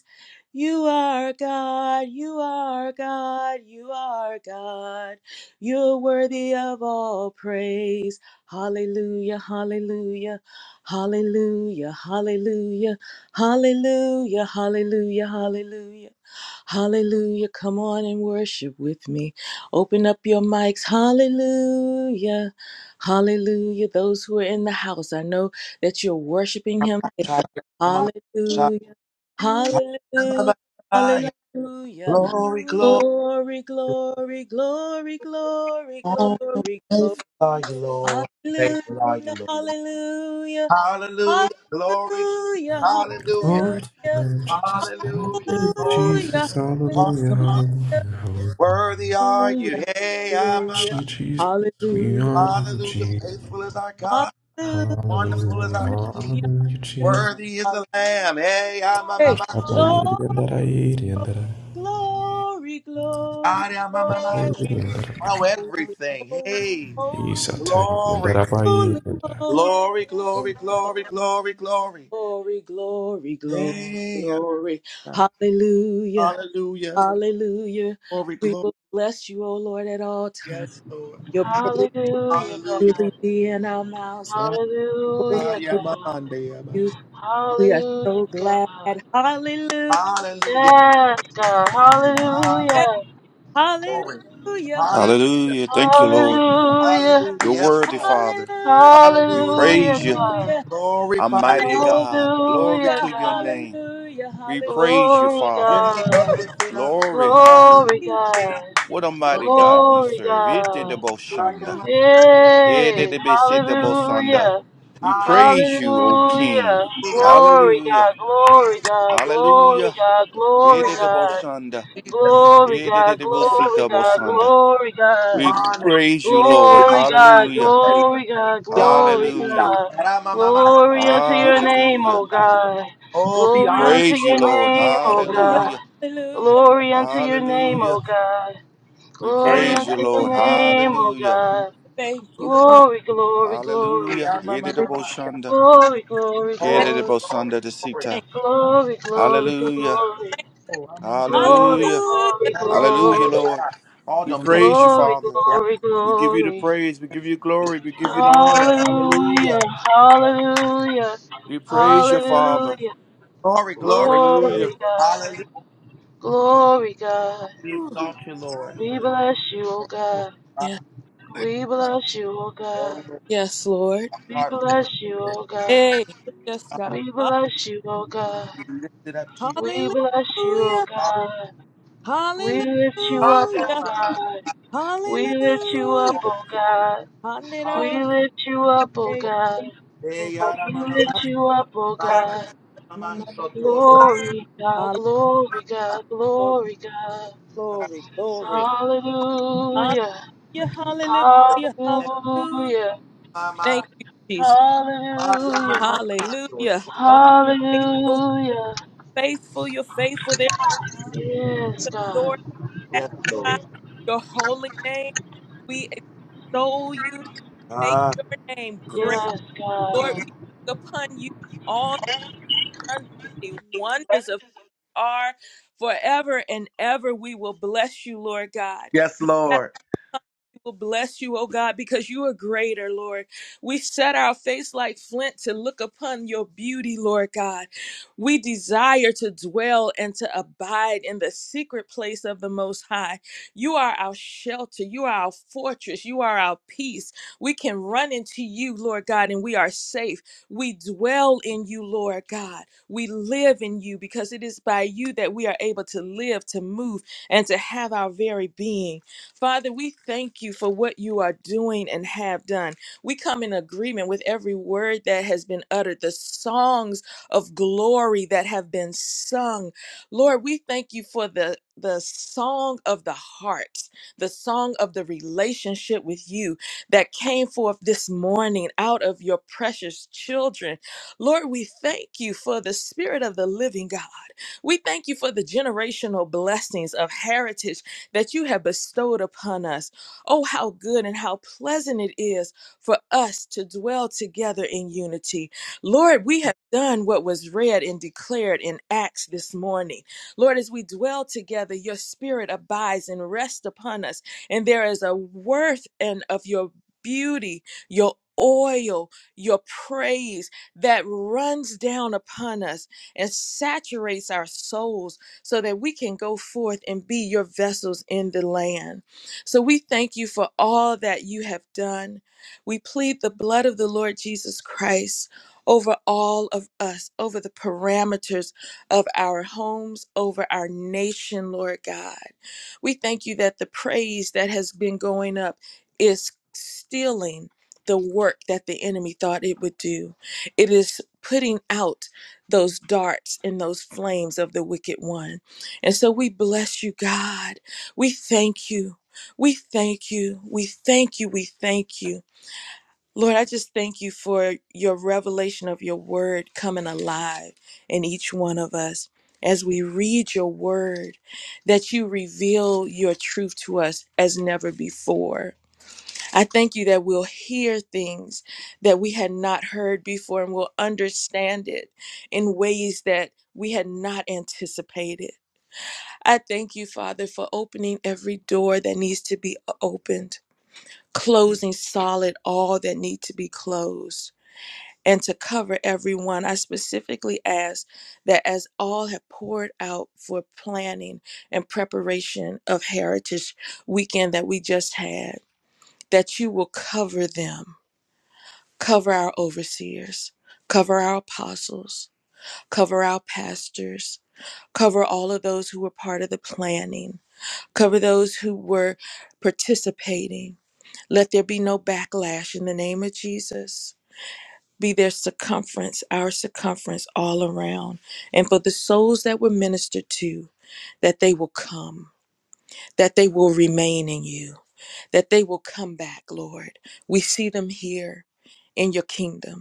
E: You are God, you are God, you are God. You're worthy of all praise. Hallelujah, hallelujah, hallelujah, hallelujah, hallelujah, hallelujah, hallelujah. Hallelujah. Come on and worship with me. Open up your mics. Hallelujah. Hallelujah. Those who are in the house, I know that you're worshiping him there. Hallelujah. Hallelujah, hallelujah.
C: Glory, glory,
E: Glory, glory, glory, glory,
C: holy
E: glory, glory.
C: Lord.
E: Hallelujah,
C: Faithful are you, Lord.
E: hallelujah,
C: Hallelujah. Glory.
E: hallelujah,
C: Hallelujah.
E: hallelujah,
A: Glory to the Lamb, Jesus.
C: Hallelujah.
A: Hallelujah,
C: Lord,
E: hallelujah,
A: Jesus. Hallelujah,
C: awesome.
A: hallelujah, hallelujah.
C: Worthy are you.
E: hallelujah,
C: Hey, I'm,
E: hallelujah,
C: I'm-
A: Jesus, we
E: hallelujah,
A: honor you,
C: Hallelujah.
A: Jesus.
C: Faithful is our God.
E: hallelujah,
C: Wonderful is
A: Hallelujah,
C: our King.
A: hallelujah,
E: hallelujah.
A: Jesus.
C: Worthy is the Lamb. Hey, I'm, I'm,
E: Hey,
C: I'm, I'm-
A: Ashtabayiri
E: glory,
A: and I I. eat And
E: glory, glory,
C: I am, I'm, I'm, I'm-
E: glory.
A: that I.
C: Oh,
E: Holy,
C: everything.
E: holy,
C: Hey,
E: holy,
C: glory.
E: holy,
C: Glory,
E: holy,
C: glory,
E: holy.
C: glory, glory, glory.
E: glory, glory, glory,
C: Hey,
E: glory.
C: I'm-
E: Hallelujah,
C: Hallelujah.
E: hallelujah.
C: Glory,
E: We
C: glory.
E: will bless you, O Lord, at all times.
C: Yes, Lord.
E: Your praise
F: Hallelujah, God.
E: will
C: Hallelujah.
E: be in our mouths. Oh,
F: Hallelujah,
E: thank
F: God.
C: Ayamandeyamas.
E: you. We are
F: Hallelujah,
E: so glad.
F: God.
E: Hallelujah,
C: Hallelujah.
F: Yes, God.
C: Hallelujah.
F: Hallelujah.
E: hallelujah,
C: Glory. Hallelujah.
G: Hallelujah. Thank you, Lord.
F: Hallelujah.
C: Hallelujah.
G: You're
C: Yes,
G: worthy,
C: Lord.
G: Father.
E: hallelujah,
G: We
C: Hallelujah.
F: Hallelujah,
G: praise you,
F: God.
E: hallelujah,
C: Glory, Father.
G: Almighty
E: hallelujah,
C: Glory.
G: God. Glory
F: Hallelujah,
G: to your
F: God.
G: name.
E: hallelujah.
G: We
E: hallelujah.
G: praise you,
F: Glory,
G: Father.
C: Your name be
E: Woo!
F: God.
C: lifted up.
G: Glory.
E: Thank
F: Glory,
E: you,
C: Lifted up.
F: God.
G: What a mighty God we
F: Glory,
G: serve.
F: God.
G: Ididabosanda.
E: Jesus.
C: Hallelujah.
F: Yay.
G: Ididibisitabosanda.
F: Hallelujah.
G: We
C: Hallelujah.
G: praise
F: Hallelujah.
G: you, O King.
F: Glory
G: Hallelujah.
F: God, glory God, glory
G: Hallelujah.
F: God, glory God.
G: Ididibosanda.
F: Glory God, glory God,
G: Ididibisitabosanda.
F: glory God.
G: We
C: Honor.
G: praise you, Lord.
F: Glory God,
G: Hallelujah.
F: glory God,
C: Be
F: glory
C: honored. you God.
G: Hallelujah.
F: God.
C: Ramamamasa.
F: Glory unto your name,
G: Hallelujah.
F: O God.
C: Oh,
G: We
C: be
F: Glory
C: honored.
F: unto
G: praise you,
F: your
G: Lord.
F: name, O
C: Oh, be
E: Hallelujah.
F: God.
C: honored.
G: Hallelujah.
E: Hallelujah.
F: Glory unto your name,
G: Hallelujah.
F: O God.
G: We
F: Glory
C: Hey.
G: praise you,
F: unto your
G: Lord.
F: name, O
G: Hallelujah.
F: God.
E: Thank you. Hallelujah.
F: Glory, glory, glory.
G: Hallelujah.
E: Thank,
C: Ramamamamasa.
G: Yedidaboshanda.
F: Glory, glory,
C: Glory,
F: glory.
C: glory,
G: Yedidabosanda
C: glory.
G: desita.
E: thank,
F: Glory, glory,
G: Hallelujah.
F: glory,
E: thank.
C: Oh, ramama-
F: glory,
G: Hallelujah.
E: Hallelujah.
F: glory,
E: Thank
G: Hallelujah,
F: glory,
G: Lord.
C: All
G: We
E: you.
C: the
E: Thank
G: praise you,
F: glory,
G: Father.
F: glory,
G: We give you the
F: glory.
G: praise. We give you glory. We give you the honor. Hallelujah.
F: Hallelujah, hallelujah,
G: We praise you, Father.
F: hallelujah.
C: glory, glory.
G: Hallelujah.
F: Glory, God,
C: Hallelujah.
F: glory, God.
C: We
E: you.
C: exalt you,
F: We bless you, O God.
C: Lord.
E: Yes,
F: We bless you, O
C: Oh, my
F: God.
E: yes, Lord.
F: We
C: heart,
F: bless
C: Lord.
F: you,
C: Lift
F: O God.
E: Hey, yes, God.
F: We
E: Ha-
F: bless you, O God.
C: it up, Jesus.
F: We bless you, O
E: Hallelujah.
F: God. We lift you up, O
E: Hallelujah.
F: God. We lift you up,
E: Hallelujah.
F: oh God. We
E: Hallelujah.
F: lift you up, oh God.
C: Hey, yada,
F: We
C: mama,
F: lift you up, oh
C: mama,
F: God.
C: mama, soto,
F: Glory God,
E: Hallelujah.
F: glory God, glory God.
E: Glory, glory. Hallelujah.
F: Hallelujah.
E: Hallelujah. Hallelujah.
F: Hallelujah.
C: mama,
E: Thank you, Jesus.
C: mama,
F: Hallelujah.
C: mama, soto.
E: Hallelujah. Father,
F: Hallelujah.
E: faithful. You're faithful. There's
F: Yes,
E: a door
F: God.
E: to
C: Yes,
E: magnify
C: Lord.
E: your holy name. We extol you. Make
C: Ah,
E: your name
C: yes,
E: great.
F: Yes,
E: Lord, we
F: God.
E: look upon you and all the ungodly wonders of our forever and ever. We will bless you, Lord God
C: yes,
E: No
C: Lord.
E: We will bless you, oh God, because you are greater, Lord. We set our face like flint to look upon your beauty, Lord God. We desire to dwell and to abide in the secret place of the Most High. You are our shelter. You are our fortress. You are our peace. We can run into you, Lord God, and we are safe. We dwell in you, Lord God. We live in you because it is by you that we are able to live, to move, and to have our very being. Father, we thank you for what you are doing and have done. We come in agreement with every word that has been uttered, the songs of glory that have been sung. Lord, we thank you for the the song of the heart, the song of the relationship with you that came forth this morning out of your precious children. Lord, we thank you for the spirit of the living God. We thank you for the generational blessings of heritage that you have bestowed upon us. Oh, how good and how pleasant it is for us to dwell together in unity. Lord, we have done what was read and declared in Acts this morning. Lord, as we dwell together, your spirit abides and rests upon us, and there is a worth and of your beauty, your oil, your praise that runs down upon us and saturates our souls so that we can go forth and be your vessels in the land. So we thank you for all that you have done. We plead the blood of the Lord Jesus Christ over all of us, over the parameters of our homes, over our nation, Lord God. We thank you that the praise that has been going up is stealing the work that the enemy thought it would do. It is putting out those darts and those flames of the wicked one. And so we bless you, God. We thank you. We thank you. We thank you. We thank you. Lord, I just thank you for your revelation of your word coming alive in each one of us as we read your word, that you reveal your truth to us as never before. I thank you that we'll hear things that we had not heard before and we'll understand it in ways that we had not anticipated. I thank you, Father, for opening every door that needs to be opened, closing solid all that need to be closed. And to cover everyone, I specifically ask that as all have poured out for planning and preparation of Heritage Weekend that we just had, that you will cover them Cover our overseers, cover our apostles, cover our pastors, cover all of those who were part of the planning, cover those who were participating. Let there be no backlash in the name of Jesus. Be their circumference, our circumference all around. And for the souls that were ministered to, that they will come, that they will remain in you, that they will come back, Lord. We see them here in your kingdom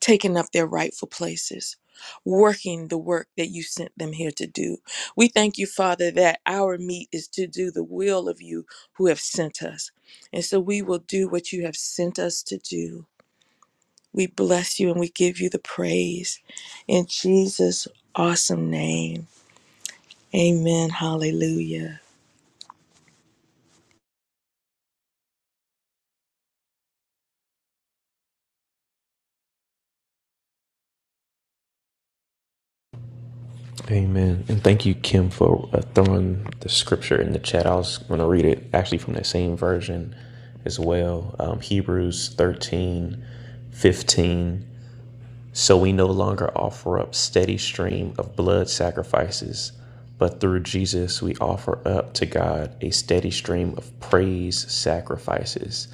E: taking up their rightful places, working the work that you sent them here to do. We thank you, Father, that our meat is to do the will of you who have sent us. And so we will do what you have sent us to do. We bless you and we give you the praise. In Jesus' awesome name, amen. Hallelujah.
A: Amen. And thank you, Kim, for uh, throwing the scripture in the chat. I was going to read it actually from that same version as well. Um, Hebrews 13, 15. So we no longer offer up steady stream of blood sacrifices, but through Jesus we offer up to God a steady stream of praise sacrifices.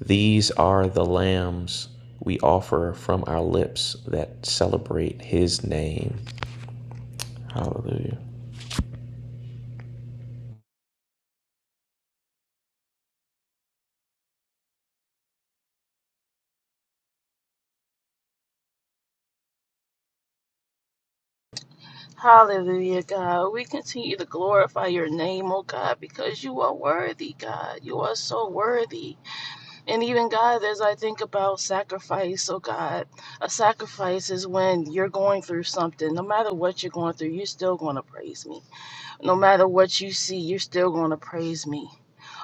A: These are the lambs we offer from our lips that celebrate his name. Hallelujah.
F: Hallelujah, God. We continue to glorify your name, oh God, because you are worthy, God. You are so worthy. And even God, as I think about sacrifice, oh God, a sacrifice is when you're going through something. No matter what you're going through, you're still going to praise me. No matter what you see, you're still going to praise me.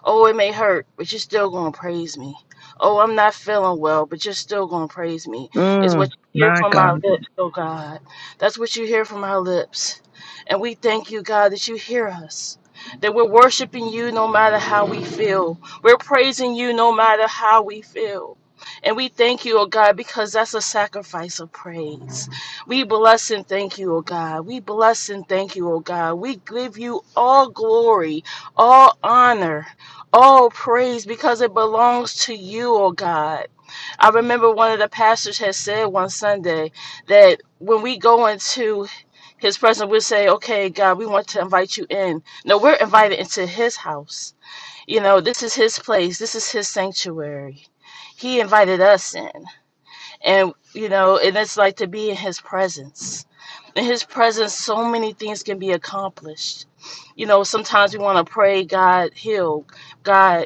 F: Oh, it may hurt, but you're still going to praise me. Oh, I'm not feeling well, but you're still going to praise me. It's
H: Mm,
F: what you hear
H: my
F: from
H: God.
F: our lips, oh God. That's what you hear from our lips. And we thank you, God, that you hear us. That we're worshiping you no matter how we feel. We're praising you no matter how we feel. And we thank you, oh God, because that's a sacrifice of praise. We bless and thank you, oh God. We bless and thank you, oh God. We give you all glory, all honor. Oh, praise, because it belongs to you, oh God. I remember one of the pastors had said one Sunday that when we go into his presence, we'll say, Okay, God, we want to invite you in. No, we're invited into his house. You know, this is his place, this is his sanctuary. He invited us in. And, you know, and it's like to be in his presence. In his presence, so many things can be accomplished. You know, sometimes we want to pray, God, heal, God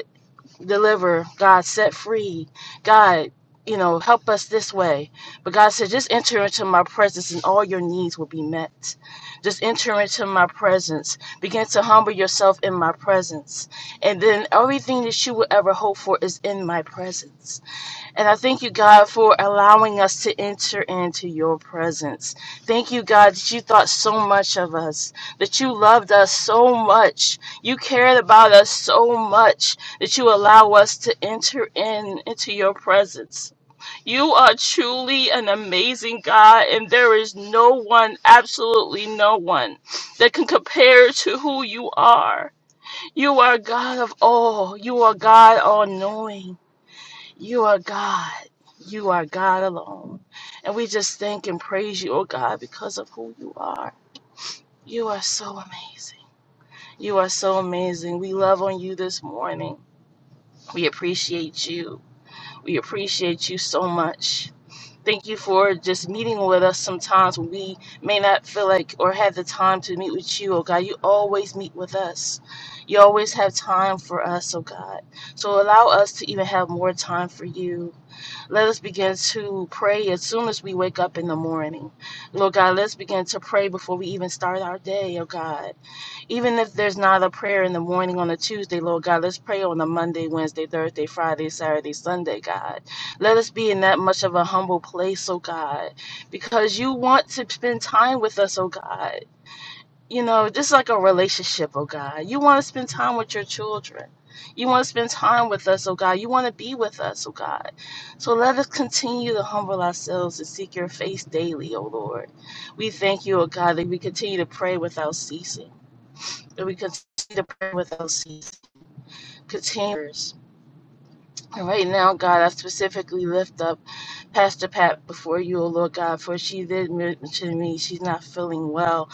F: deliver, God set free, God, you know, help us this way. But God said, just enter into my presence and all your needs will be met. Just enter into my presence. Begin to humble yourself in my presence. And then everything that you will ever hope for is in my presence. And I thank you, God, for allowing us to enter into your presence. Thank you, God, that you thought so much of us, that you loved us so much, you cared about us so much, that you allow us to enter in into your presence. You are truly an amazing God, and there is no one, absolutely no one, that can compare to who you are. You are God of all. You are God all knowing. You are God. You are God alone. And we just thank and praise you, oh God, because of who you are. You are so amazing. You are so amazing. We love on you this morning. We appreciate you. We appreciate you so much. Thank you for just meeting with us sometimes when we may not feel like or have the time to meet with you, oh God. You always meet with us. You always have time for us, oh God. So allow us to even have more time for you let us begin to pray as soon as we wake up in the morning. Lord God, let's begin to pray before we even start our day, oh God. Even if there's not a prayer in the morning on a Tuesday, Lord God, let's pray on a Monday, Wednesday, Thursday, Friday, Saturday, Sunday, God. Let us be in that much of a humble place, oh God, because you want to spend time with us, oh God you know, just like a relationship, oh God. You want to spend time with your children. You want to spend time with us, oh God. You want to be with us, oh God. So let us continue to humble ourselves and seek your face daily, oh Lord. We thank you, oh God, that we continue to pray without ceasing. That we continue to pray without ceasing. Continue. And Right now, God, I specifically lift up Pastor Pat before you, O Lord God, for she did mention to me she's not feeling well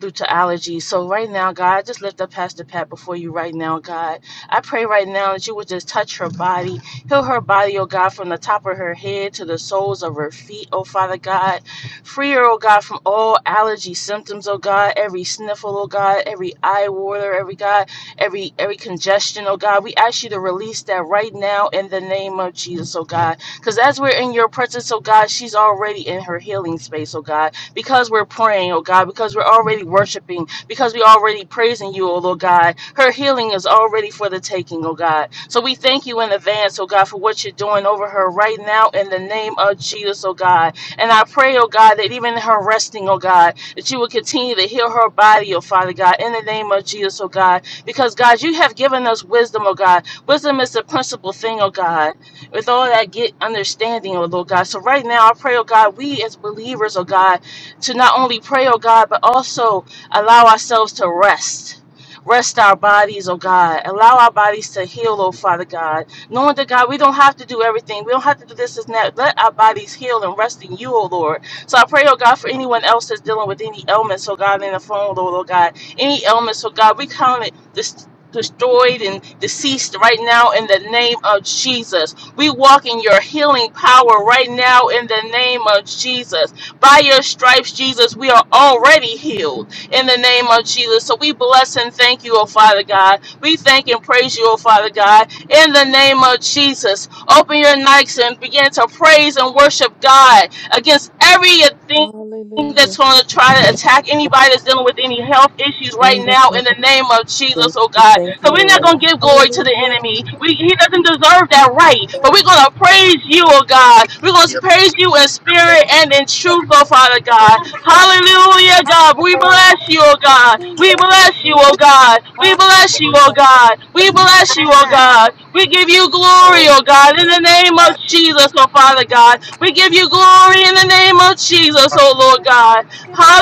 F: due to allergies. So right now, God, I just lift up Pastor Pat before you right now, God. I pray right now that you would just touch her body, heal her body, O God, from the top of her head to the soles of her feet, O Father God. Free her, O God, from all allergy symptoms, O God, every sniffle, O God, every eye water, every God every every congestion, oh God. We ask you to release that right now in the name of Jesus, oh God. Because as we're in your presence, oh God, she's already in her healing space, oh God. Because we're praying, oh God, because we're already worshiping, because we're already praising you, oh Lord God. Her healing is already for the taking, oh God. So we thank you in advance, oh God, for what you're doing over her right now in the name of Jesus, oh God. And I pray, oh God, that even in her resting, oh God, that you will continue to heal her body, oh Father God, in the name of Jesus, oh God because, God, you have given us wisdom, oh God. Wisdom is the principal thing, oh God. With all that, get understanding, oh Lord God. So, right now, I pray, oh God, we as believers, oh God, to not only pray, oh God, but also allow ourselves to rest. Rest our bodies, oh God. Allow our bodies to heal, oh Father God. Knowing that, God, we don't have to do everything. We don't have to do this and that. Let our bodies heal and rest in you, oh Lord. So I pray, oh God, for anyone else that's dealing with any ailments, oh God, in the phone, Lord, oh God. Any ailments, oh God, we count it dis- destroyed and deceased right now in the name of Jesus. We walk in your healing power right now in the name of Jesus. By your stripes, Jesus, we are already healed in the name of Jesus. So we bless and thank you, oh Father God. We thank and praise you, oh Father God, in the name of Jesus. Open your nights and begin to praise and worship God against everything
E: Hallelujah.
F: that's going to try to attack anybody that's dealing with any health issues right
E: In the
F: now
E: name
F: in the
E: of
F: name of
E: Jesus,
F: Jesus, oh
E: we
F: God.
E: Thank
F: So
E: you,
F: we're not
E: Lord.
F: gonna give glory to the
E: Hallelujah.
F: enemy. We he doesn't deserve that right. But we're gonna praise you, oh God. We're gonna
C: Give
F: praise you in
C: thanks,
F: spirit and in truth, oh Father God. Hallelujah, God. We bless you, oh God.
E: Hallelujah.
F: We bless you,
C: Lord.
F: oh God. We bless you,
C: Glory.
F: oh God. We bless you, oh God. We give you glory, oh God, in the name of
C: God,
F: Jesus, oh Father God. We give you glory in the name of Jesus, oh Lord God.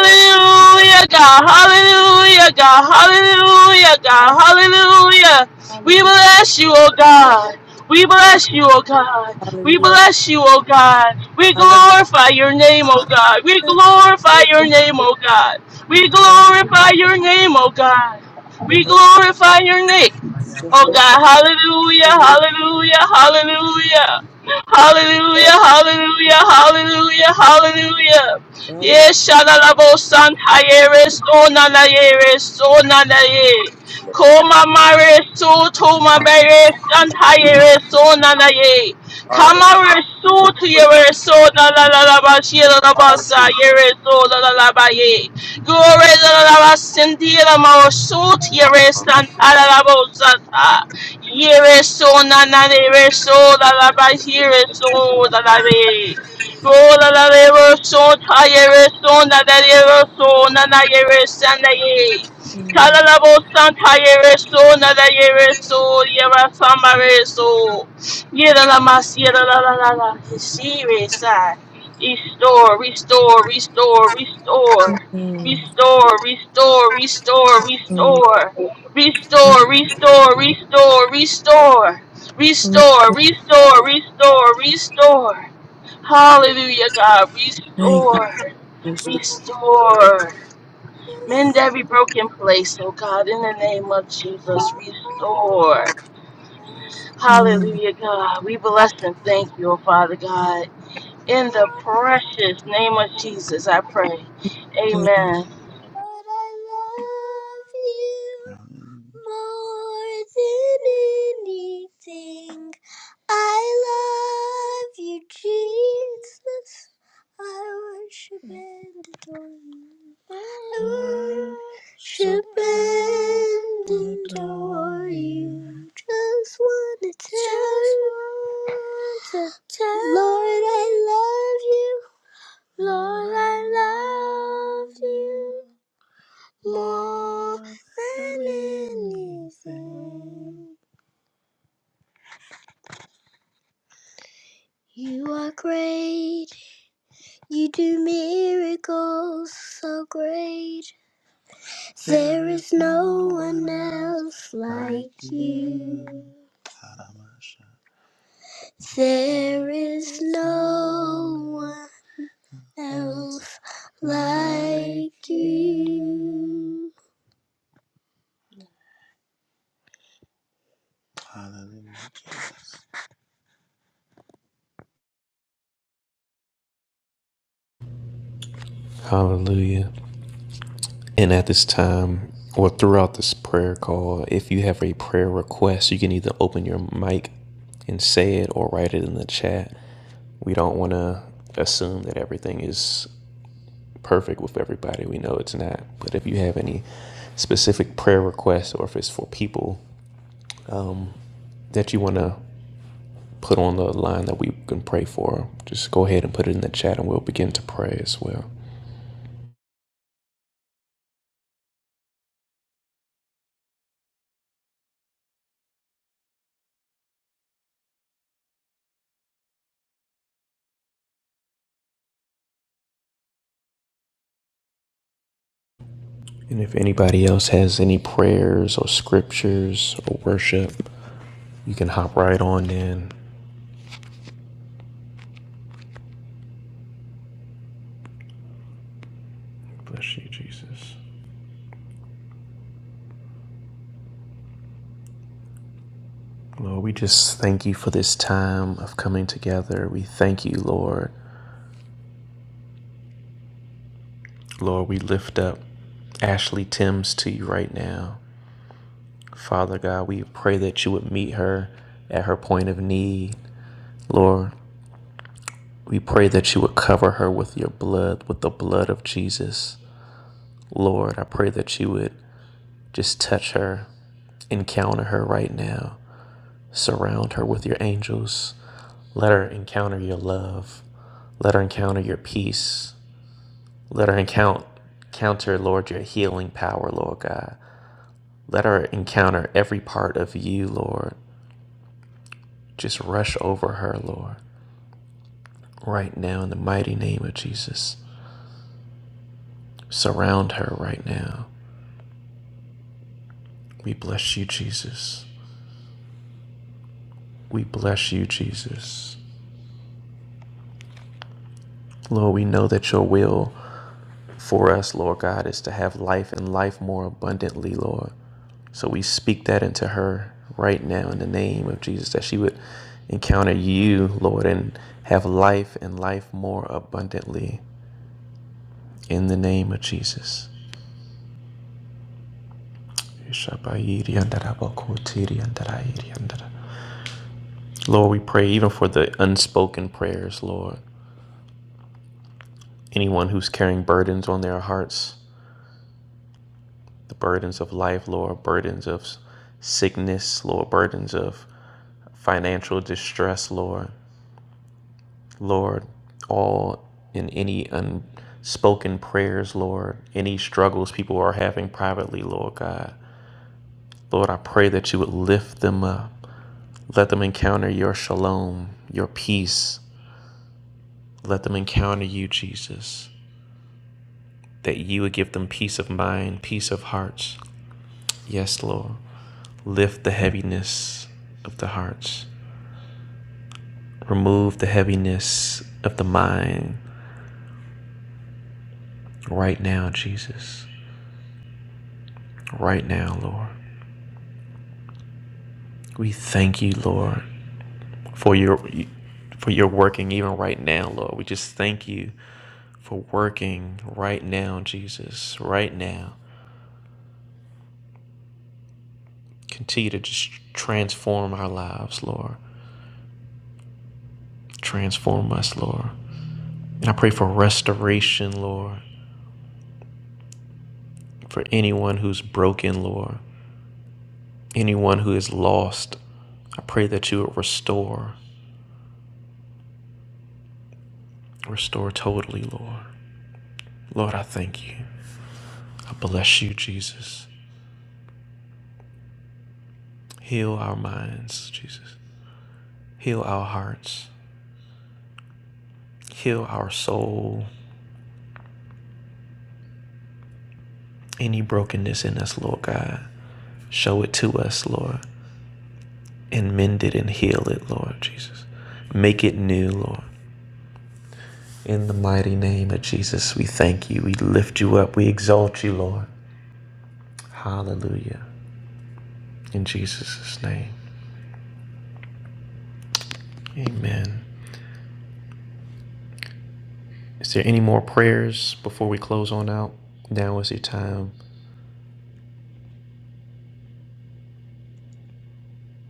C: Lord, you are
F: God. Hallelujah, God. Hallelujah, God. Hallelujah. We
E: Hallelujah.
F: bless you, oh God. We
C: coming.
F: bless you, oh God. We
E: Hallelujah.
F: bless you, oh God.
C: I
F: We
E: Hallelujah.
F: glorify your name, oh God. We glorify your name,
E: Hallelujah.
F: oh God. We
C: see.
E: Thank
F: glorify
E: you,
F: your name, oh God. We
E: Jehovah.
F: glorify your name. Oh
E: Jehovah.
F: God, hallelujah,
E: Hallelujah.
F: hallelujah, hallelujah. Hallelujah, hallelujah, hallelujah, hallelujah.
E: El Roi,
F: Yes, shalalabo san hayeres, ona la ona la Koma mare su toma bere san hayeres, ona la ye.
C: Hallelujah.
F: Kama resu tu yeres, ona la la
C: Hallelujah.
F: yeres, ona la Glory to the Lord, Sindira Maosut, Yerestan Alabosata, Yereso Nana, Yereso, Dalaba, Yereso, Dalabe. Glory to the Lord, suit your rest and all about here
C: Yada,
F: is
C: mama.
F: so Yereso, Nana, Yereso, Nana, Yeresanaye.
E: Mm,
F: Talalabosanta, Yereso, Nana, Yereso, Yerasama, Yereso. Yera Samareso, Yeralamas, Yeralala, Siresa. Restore, restore, restore, restore.
E: mm, mm,
F: Restore, restore, restore,
E: mm,
F: restore,
E: mm.
F: restore, restore, restore, restore,
E: mm.
F: restore, restore, restore, restore. Hallelujah, God,
E: Thank
F: restore,
E: you.
F: restore. Mend every broken place, oh God, in the name of Jesus, restore.
E: Mm,
F: Hallelujah, God. We bless and thank you, oh Father God. In the precious name of Jesus, I pray.
E: mm.
F: Amen.
C: But I love you more than anything. I love you, Jesus. I worship and adore you. I worship and adore you. Just wanna tell you, Lord, I love you. Lord, I love you more than anything. You are great. You do miracles so great. There is no one else like you. There is no one else like you.
A: Hallelujah. And at this time, or throughout this prayer call, if you have a prayer request, you can either open your mic and say it or write it in the chat. We don't want to assume that everything is perfect with everybody. We know it's not. But if you have any specific prayer requests or if it's for people um, that you want to put on the line that we can pray for, just go ahead and put it in the chat and we'll begin to pray as well. And if anybody else has any prayers or scriptures or worship, you can hop right on in. Bless you, Jesus. Lord, we just thank you for this time of coming together. We thank you, Lord. Lord, we lift up Ashley Timms to you right now. Father God, we pray that you would meet her at her point of need. Lord, we pray that you would cover her with your blood, with the blood of Jesus. Lord, I pray that you would Just touch her, encounter her right now, surround her with your angels. Let her encounter your love. Let her encounter your peace. Let her encounter, Lord, your healing power, Lord God. Let her encounter every part of you, Lord. Just rush over her, Lord, right now in the mighty name of Jesus. Surround her right now. We bless you, Jesus. We bless you, Jesus. Lord, we know that your will for us, Lord God, is to have life and life more abundantly, Lord. So we speak that into her right now in the name of Jesus, that she would encounter you, Lord, and have life and life more abundantly in the name of Jesus. Lord, we pray even for the unspoken prayers, Lord. Anyone who's carrying burdens on their hearts, the burdens of life, Lord, burdens of sickness, Lord, burdens of financial distress, Lord. Lord, all in any unspoken prayers, Lord, any struggles people are having privately, Lord God. Lord, I pray that you would lift them up. Let them encounter your shalom, your peace. Let them encounter you, Jesus. That you would give them peace of mind, peace of hearts. Yes, Lord. Lift the heaviness of the hearts. Remove the heaviness of the mind right now, Jesus. Right now, Lord. We thank you, Lord, for your for your working even right now, Lord. We just thank you for working right now, Jesus. Right now. Continue to just transform our lives, Lord. Transform us, Lord. And I pray for restoration, Lord, for anyone who's broken, Lord. Anyone who is lost, I pray that you would restore, restore totally, Lord. Lord, I thank you. I bless you, Jesus. Heal our minds, Jesus. Heal our hearts. Heal our soul. Any brokenness in us, Lord God, show it to us, Lord, and mend it and heal it, Lord Jesus. Make it new, Lord. In the mighty name of Jesus, we thank you. We lift you up. We exalt you, Lord. Hallelujah. In Jesus' name. Amen. Is there any more prayers before we close on out? Now is your time.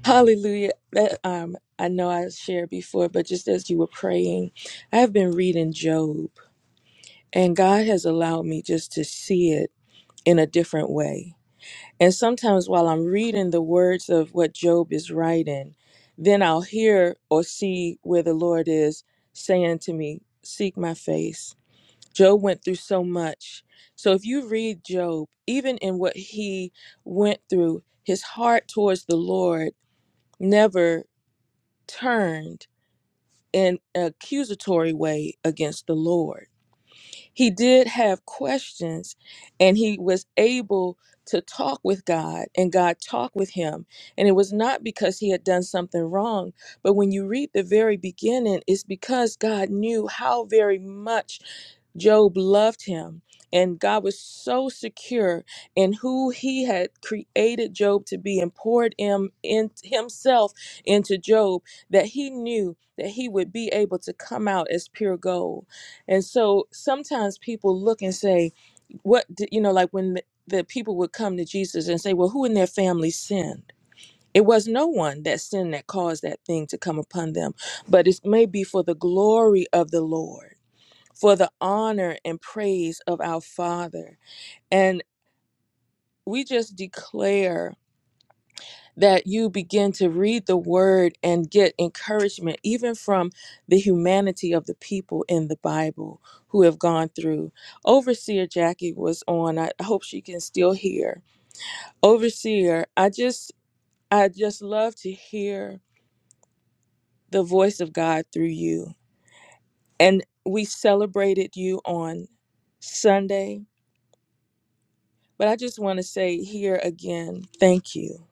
E: Hallelujah. That, um, I know I shared before, but just as you were praying, I have been reading Job, and God has allowed me just to see it in a different way. And sometimes while I'm reading the words of what Job is writing, then I'll hear or see where the Lord is saying to me, Seek my face. Job went through so much. So if you read Job, even in what he went through, his heart towards the Lord never turned in an accusatory way against the Lord he did have questions and he was able to talk with God and God talked with him. And it was not because he had done something wrong, but when you read the very beginning, it's because God knew how very much Job loved him, and God was so secure in who he had created Job to be and poured him in himself into Job that he knew that he would be able to come out as pure gold. And so sometimes people look and say, What did you know, like when the, the people would come to Jesus and say, Well, who in their family sinned? It was no one that sinned that caused that thing to come upon them, but it may be for the glory of the Lord for the honor and praise of our Father. And we just declare that you begin to read the word and get encouragement, even from the humanity of the people in the Bible who have gone through. Overseer Jackie was on. I hope she can still hear. Overseer, I just, I just love to hear the voice of God through you. And we celebrated you on Sunday But I just want to say here again, thank you.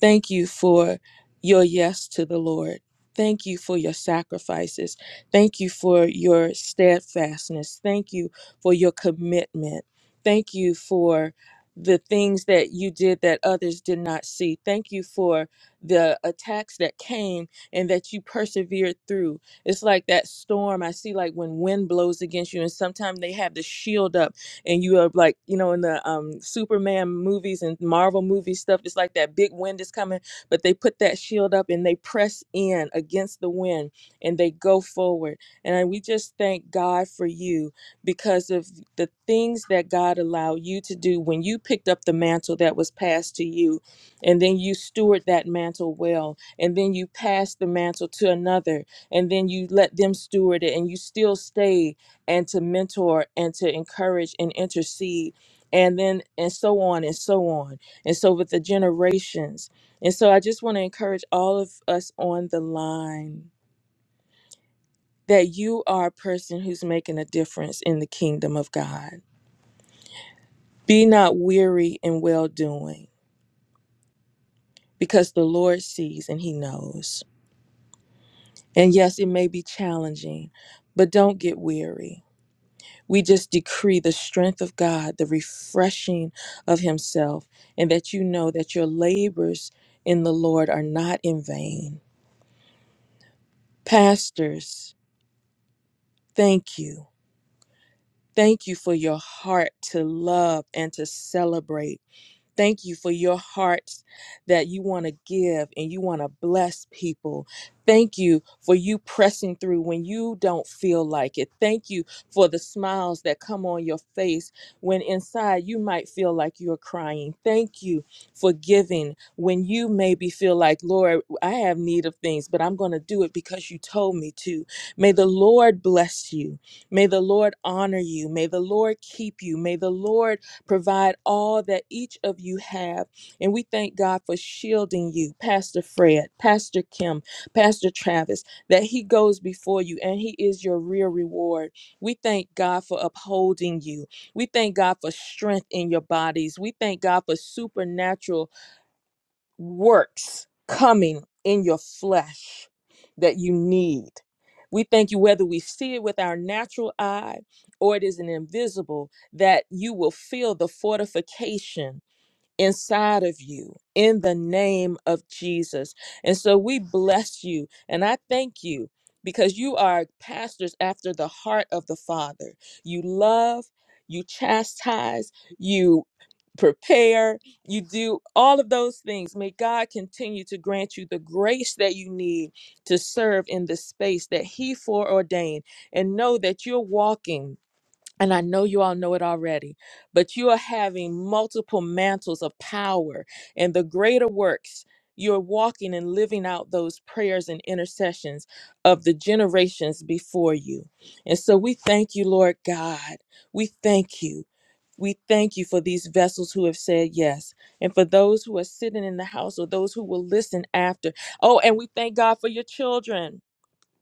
E: Thank you for your yes to the Lord. Thank you for your sacrifices. Thank you for your steadfastness. Thank you for your commitment. Thank you for the things that you did that others did not see. Thank you for the attacks that came and that you persevered through. It's like that storm I see, like when wind blows against you, and sometimes they have the shield up and you are like you know in the um superman movies and marvel movie stuff it's like that big wind is coming but they put that shield up and they press in against the wind and they go forward and we just thank god for you because of the things that god allowed you to do when you picked up the mantle that was passed to you and then you steward that mantle well and then you passed the mantle to another and then you let them steward it and you still stayed and to mentor and to encourage and intercede and then and so on and so on and so with the generations and so i just want to encourage all of us on the line that you are a person who's making a difference in the kingdom of god be not weary in well doing because the lord sees and he knows and yes it may be challenging but don't get weary We just decree the strength of God, the refreshing of Himself, and that you know that your labors in the Lord are not in vain. Pastors, thank you. Thank you for your heart to love and to celebrate Thank you for your hearts that you want to give and you want to bless people. Thank you for you pressing through when you don't feel like it. Thank you for the smiles that come on your face when inside you might feel like you're crying. Thank you for giving when you maybe feel like, Lord, I have need of things, but I'm going to do it because you told me to. May the Lord bless you. May the Lord honor you. May the Lord keep you. May the Lord Provide all that each of you have. And we thank God for shielding you, Pastor Fred, Pastor Kim, Pastor Travis, that He goes before you and He is your real reward. We thank God for upholding you. We thank God for strength in your bodies. We thank God for supernatural works coming in your flesh that you need. We thank you, whether we see it with our natural eye or it is an invisible, that you will feel the fortification inside of you in the name of Jesus. And so we bless you and I thank you because you are pastors after the heart of the Father. You love, you chastise, you prepare, you do all of those things. May God continue to grant you the grace that you need to serve in the space that He foreordained and know that you're walking and I know you all know it already, but you are having multiple mantles of power and the greater works. You're walking and living out those prayers and intercessions of the generations before you. And so we thank you, Lord God. We thank you. We thank you for these vessels who have said yes, and for those who are sitting in the house or those who will listen after. Oh, and we thank God for your children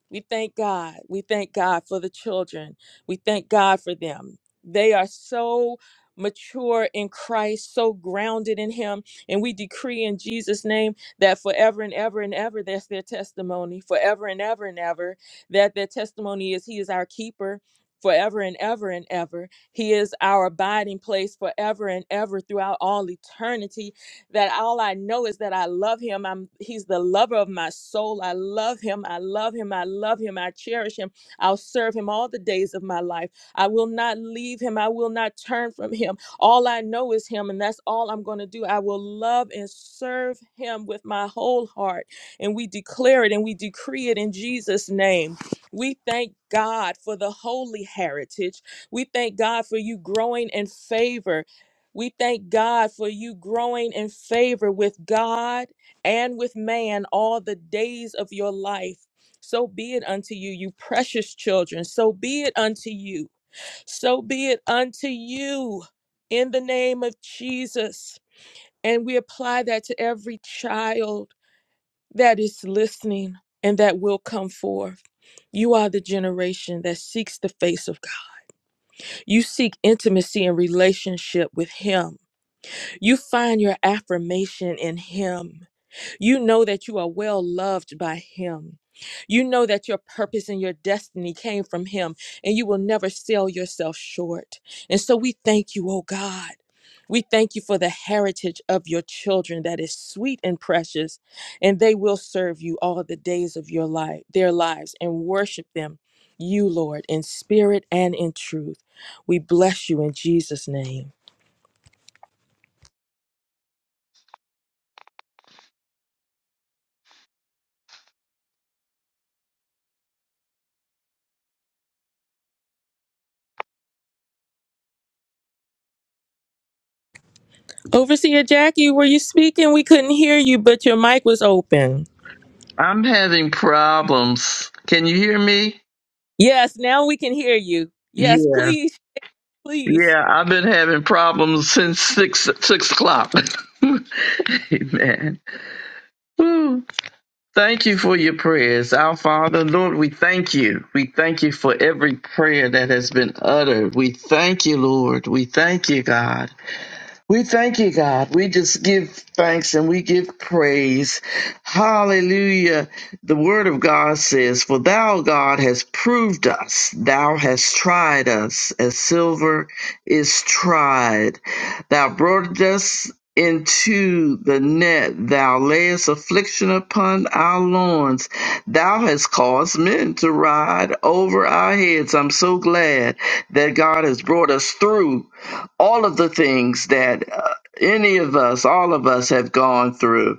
E: we thank God. We thank God for the children. We thank God for them. They are so mature in Christ, so grounded in Him. And we decree in Jesus' name that forever and ever and ever, that's their testimony. Forever and ever and ever, that their testimony is He is our keeper. Forever and ever and ever. He is our abiding place forever and ever throughout all eternity that all I know is that I love him. I'm he's the lover of my soul. I love him. I love him. I love him. I cherish him. I'll serve him all the days of my life. I will not leave him. I will not turn from him. All I know is him and that's all I'm going to do. I will love and serve him with my whole heart. And we declare it and we decree it in Jesus name. We thank God for the holy heritage. We thank God for you growing in favor we thank God for you growing in favor with God and with man all the days of your life. So be it unto you, you precious children. So be it unto you. So be it unto you in the name of Jesus. And we apply that to every child that is listening and that will come forth. You are the generation that seeks the face of God. You seek intimacy and relationship with Him You find your affirmation in Him. You know that you are well loved by Him. You know that your purpose and your destiny came from Him, and you will never sell yourself short. And so we thank you, oh God. We thank you for the heritage of your children that is sweet and precious, and they will serve you all the days of your life, their lives, and worship them, you, Lord, in spirit and in truth. We bless you in Jesus' name. Overseer Jackie, were you speaking? We couldn't hear you, but your mic was open.
H: I'm having problems. Can you hear me?
E: Yes, now we can hear you. Yes,
H: Yeah.
E: please, please.
H: Yeah, I've been having problems since six six o'clock. Amen. Whew. Thank you for your prayers. Our Father, Lord, we thank you. We thank you for every prayer that has been uttered. We thank you, Lord. We thank you, God. We thank you, God. We just give thanks and we give praise. Hallelujah. The word of God says, For thou, God, hast proved us. Thou hast tried us as silver is tried. Thou brought us into the net. Thou layest affliction upon our loins. Thou hast caused men to ride over our heads. I'm so glad that God has brought us through all of the things that uh, any of us, all of us have gone through.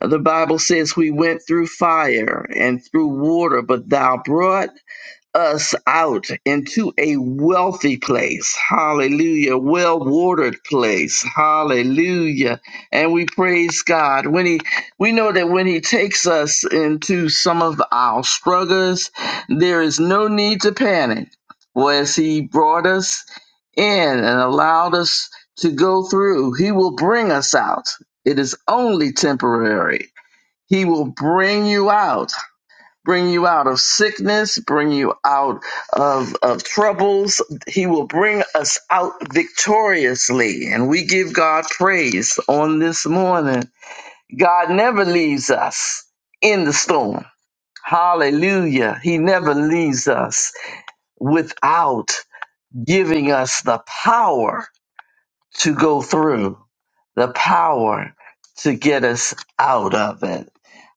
H: The Bible says we went through fire and through water, but thou brought us out into a wealthy place. Hallelujah. Well watered place. Hallelujah. And we praise God. When He we know that when He takes us into some of our struggles, there is no need to panic. For as He brought us in and allowed us to go through, He will bring us out. It is only temporary. He will bring you out bring you out of sickness, bring you out of, of troubles. He will bring us out victoriously. And we give God praise on this morning. God never leaves us in the storm. Hallelujah. He never leaves us without giving us the power to go through, the power to get us out of it.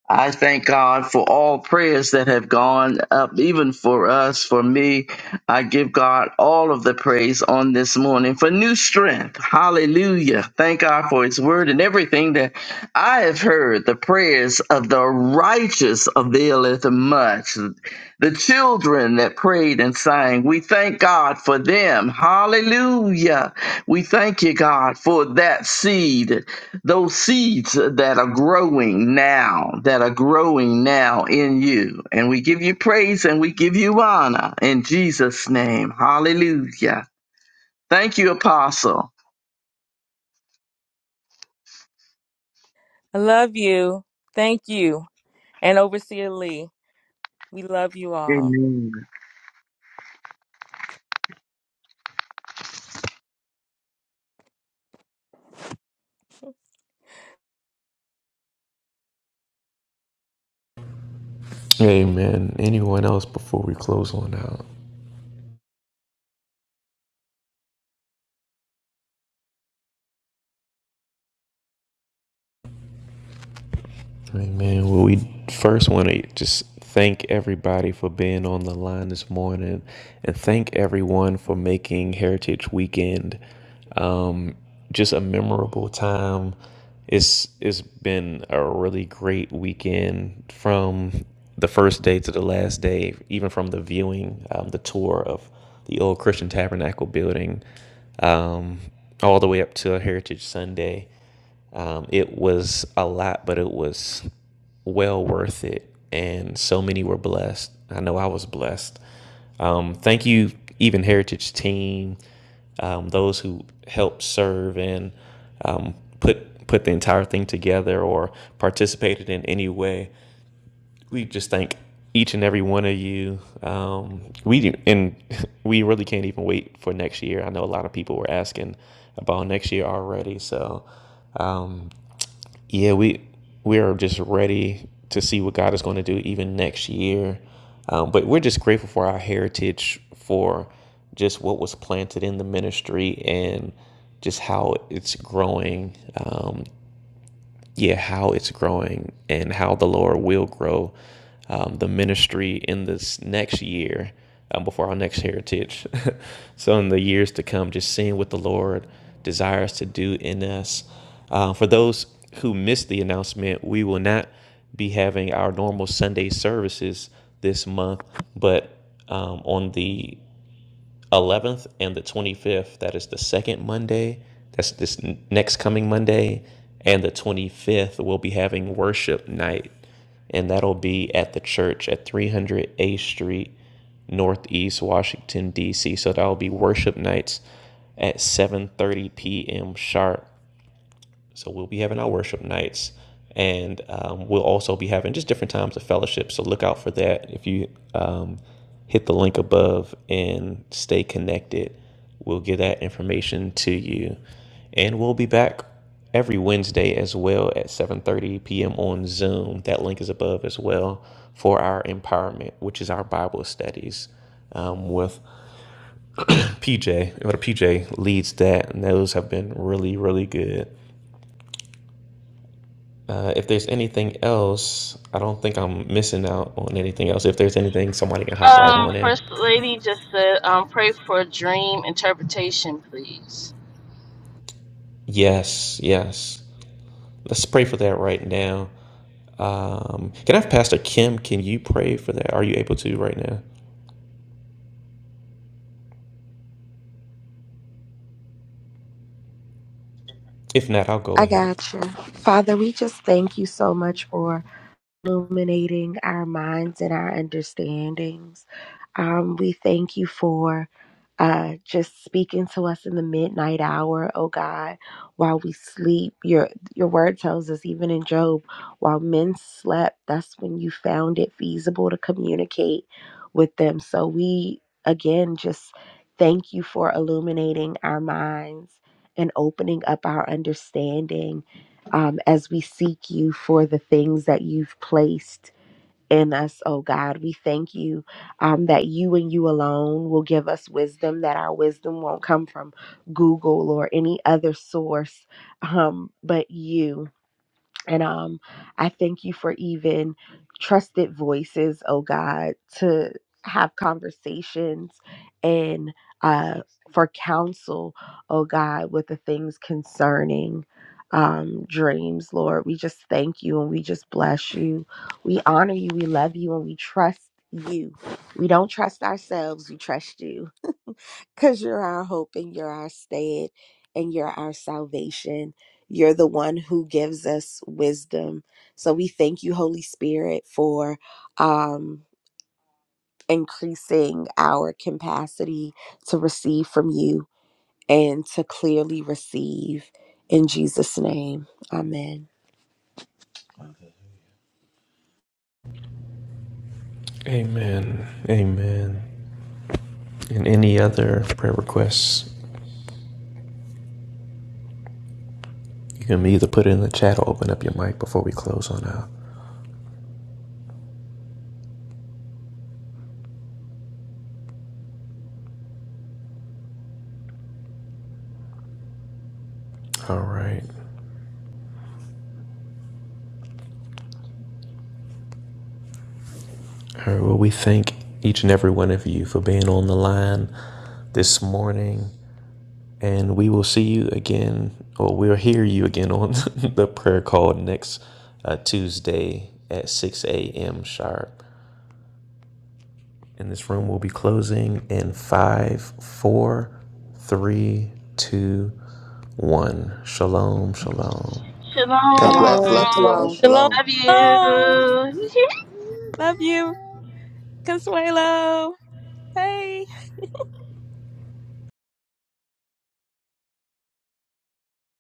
H: I thank God for all prayers that have gone up, even for us, for me. I give God all of the praise on this morning for new strength. Hallelujah. Thank God for His word and everything that I have heard. The prayers of the righteous availeth much. The children that prayed and sang, we thank God for them. Hallelujah. We thank you, God, for that seed those seeds that are growing now, that are growing now in you. And we give you praise and we give you honor in Jesus' name. Hallelujah. Thank you, Apostle.
E: I love you. Thank you. And Overseer Lee, we love you all.
H: Amen.
A: Amen. Anyone else before we close on out? Amen. Well, we first want to just thank everybody for being on the line this morning and thank everyone for making Heritage Weekend um, just a memorable time. It's It's been a really great weekend from the first day to the last day, even from the viewing, um, the tour of the old Christian Tabernacle building, um, all the way up to Heritage Sunday. Um, it was a lot, but it was well worth it. And so many were blessed. I know I was blessed. Um, thank you, even Heritage Team, um, those who helped serve and um, put put the entire thing together or participated in any way we just thank each and every one of you. Um, we do, and we really can't even wait for next year. I know a lot of people were asking about next year already. So, um, yeah, we we are just ready to see what God is going to do even next year. Um, but we're just grateful for our heritage, for just what was planted in the ministry, and just how it's growing. Um, yeah, how it's growing and how the Lord will grow um, the ministry in this next year um, before our next heritage. so, in the years to come, just seeing what the Lord desires to do in us. Uh, for those who missed the announcement, we will not be having our normal Sunday services this month, but um, on the 11th and the 25th. That is the second Monday. That's this n- next coming Monday. And the 25th, we'll be having worship night. And that'll be at the church at 300 A Street, Northeast Washington, D.C. So that'll be worship nights at 7.30 p.m. sharp. So we'll be having our worship nights, and um, we'll also be having just different times of fellowship. So look out for that. If you um, hit the link above and stay connected, we'll get that information to you. And we'll be back every Wednesday as well at 7:30 p.m. on Zoom. That link is above as well for our empowerment, which is our Bible studies um, with PJ. What PJ leads that, and those have been really, really good. Uh, if there's anything else, I don't think I'm missing out on anything else. If there's anything, somebody can hop right
F: Um,
A: on in.
F: First Lady just said, um, pray for dream interpretation, please.
A: Yes, yes. Let's pray for that right now. Um, can I have Pastor Kim? Can you pray for that? Are you able to right now? If not, I'll go
D: I
A: ahead.
D: got you. Father, we just thank you so much for illuminating our minds and our understandings. Um, we thank you for uh, just speaking to us in the midnight hour, oh God, while we sleep. Your your word tells us, even in Job, while men slept, that's when you found it feasible to communicate with them. So we again just thank you for illuminating our minds and opening up our understanding um, as we seek you for the things that you've placed in us, oh God. We thank you um, that you and you alone will give us wisdom, that our wisdom won't come from Google or any other source, um, but you. And um, I thank you for even trusted voices, oh God, to have conversations and uh, for counsel, oh God, with the things concerning um, dreams, Lord. We just thank you and we just bless you. We honor you, we love you, and we trust you. We don't trust ourselves, we trust you because you're our hope and you're our stead and you're our salvation. You're the one who gives us wisdom. So we thank you, Holy Spirit, for um, increasing our capacity to receive from you and to clearly receive. In Jesus' name, amen.
A: Amen. Amen. And any other prayer requests, you can either put it in the chat or open up your mic before we close on out. All right. All right. Well, we thank each and every one of you for being on the line this morning. And we will see you again, or we'll hear you again on the prayer call next uh, Tuesday at 6 a.m. sharp. And this room will be closing in five, four, three, two, one. Shalom, shalom.
C: God bless.
I: Shalom,
C: Love you all.
F: Shalom.
I: shalom.
E: Shalom.
C: Shalom.
F: Love
E: Shalom.
F: you.
E: Love you, Consuelo. Hey.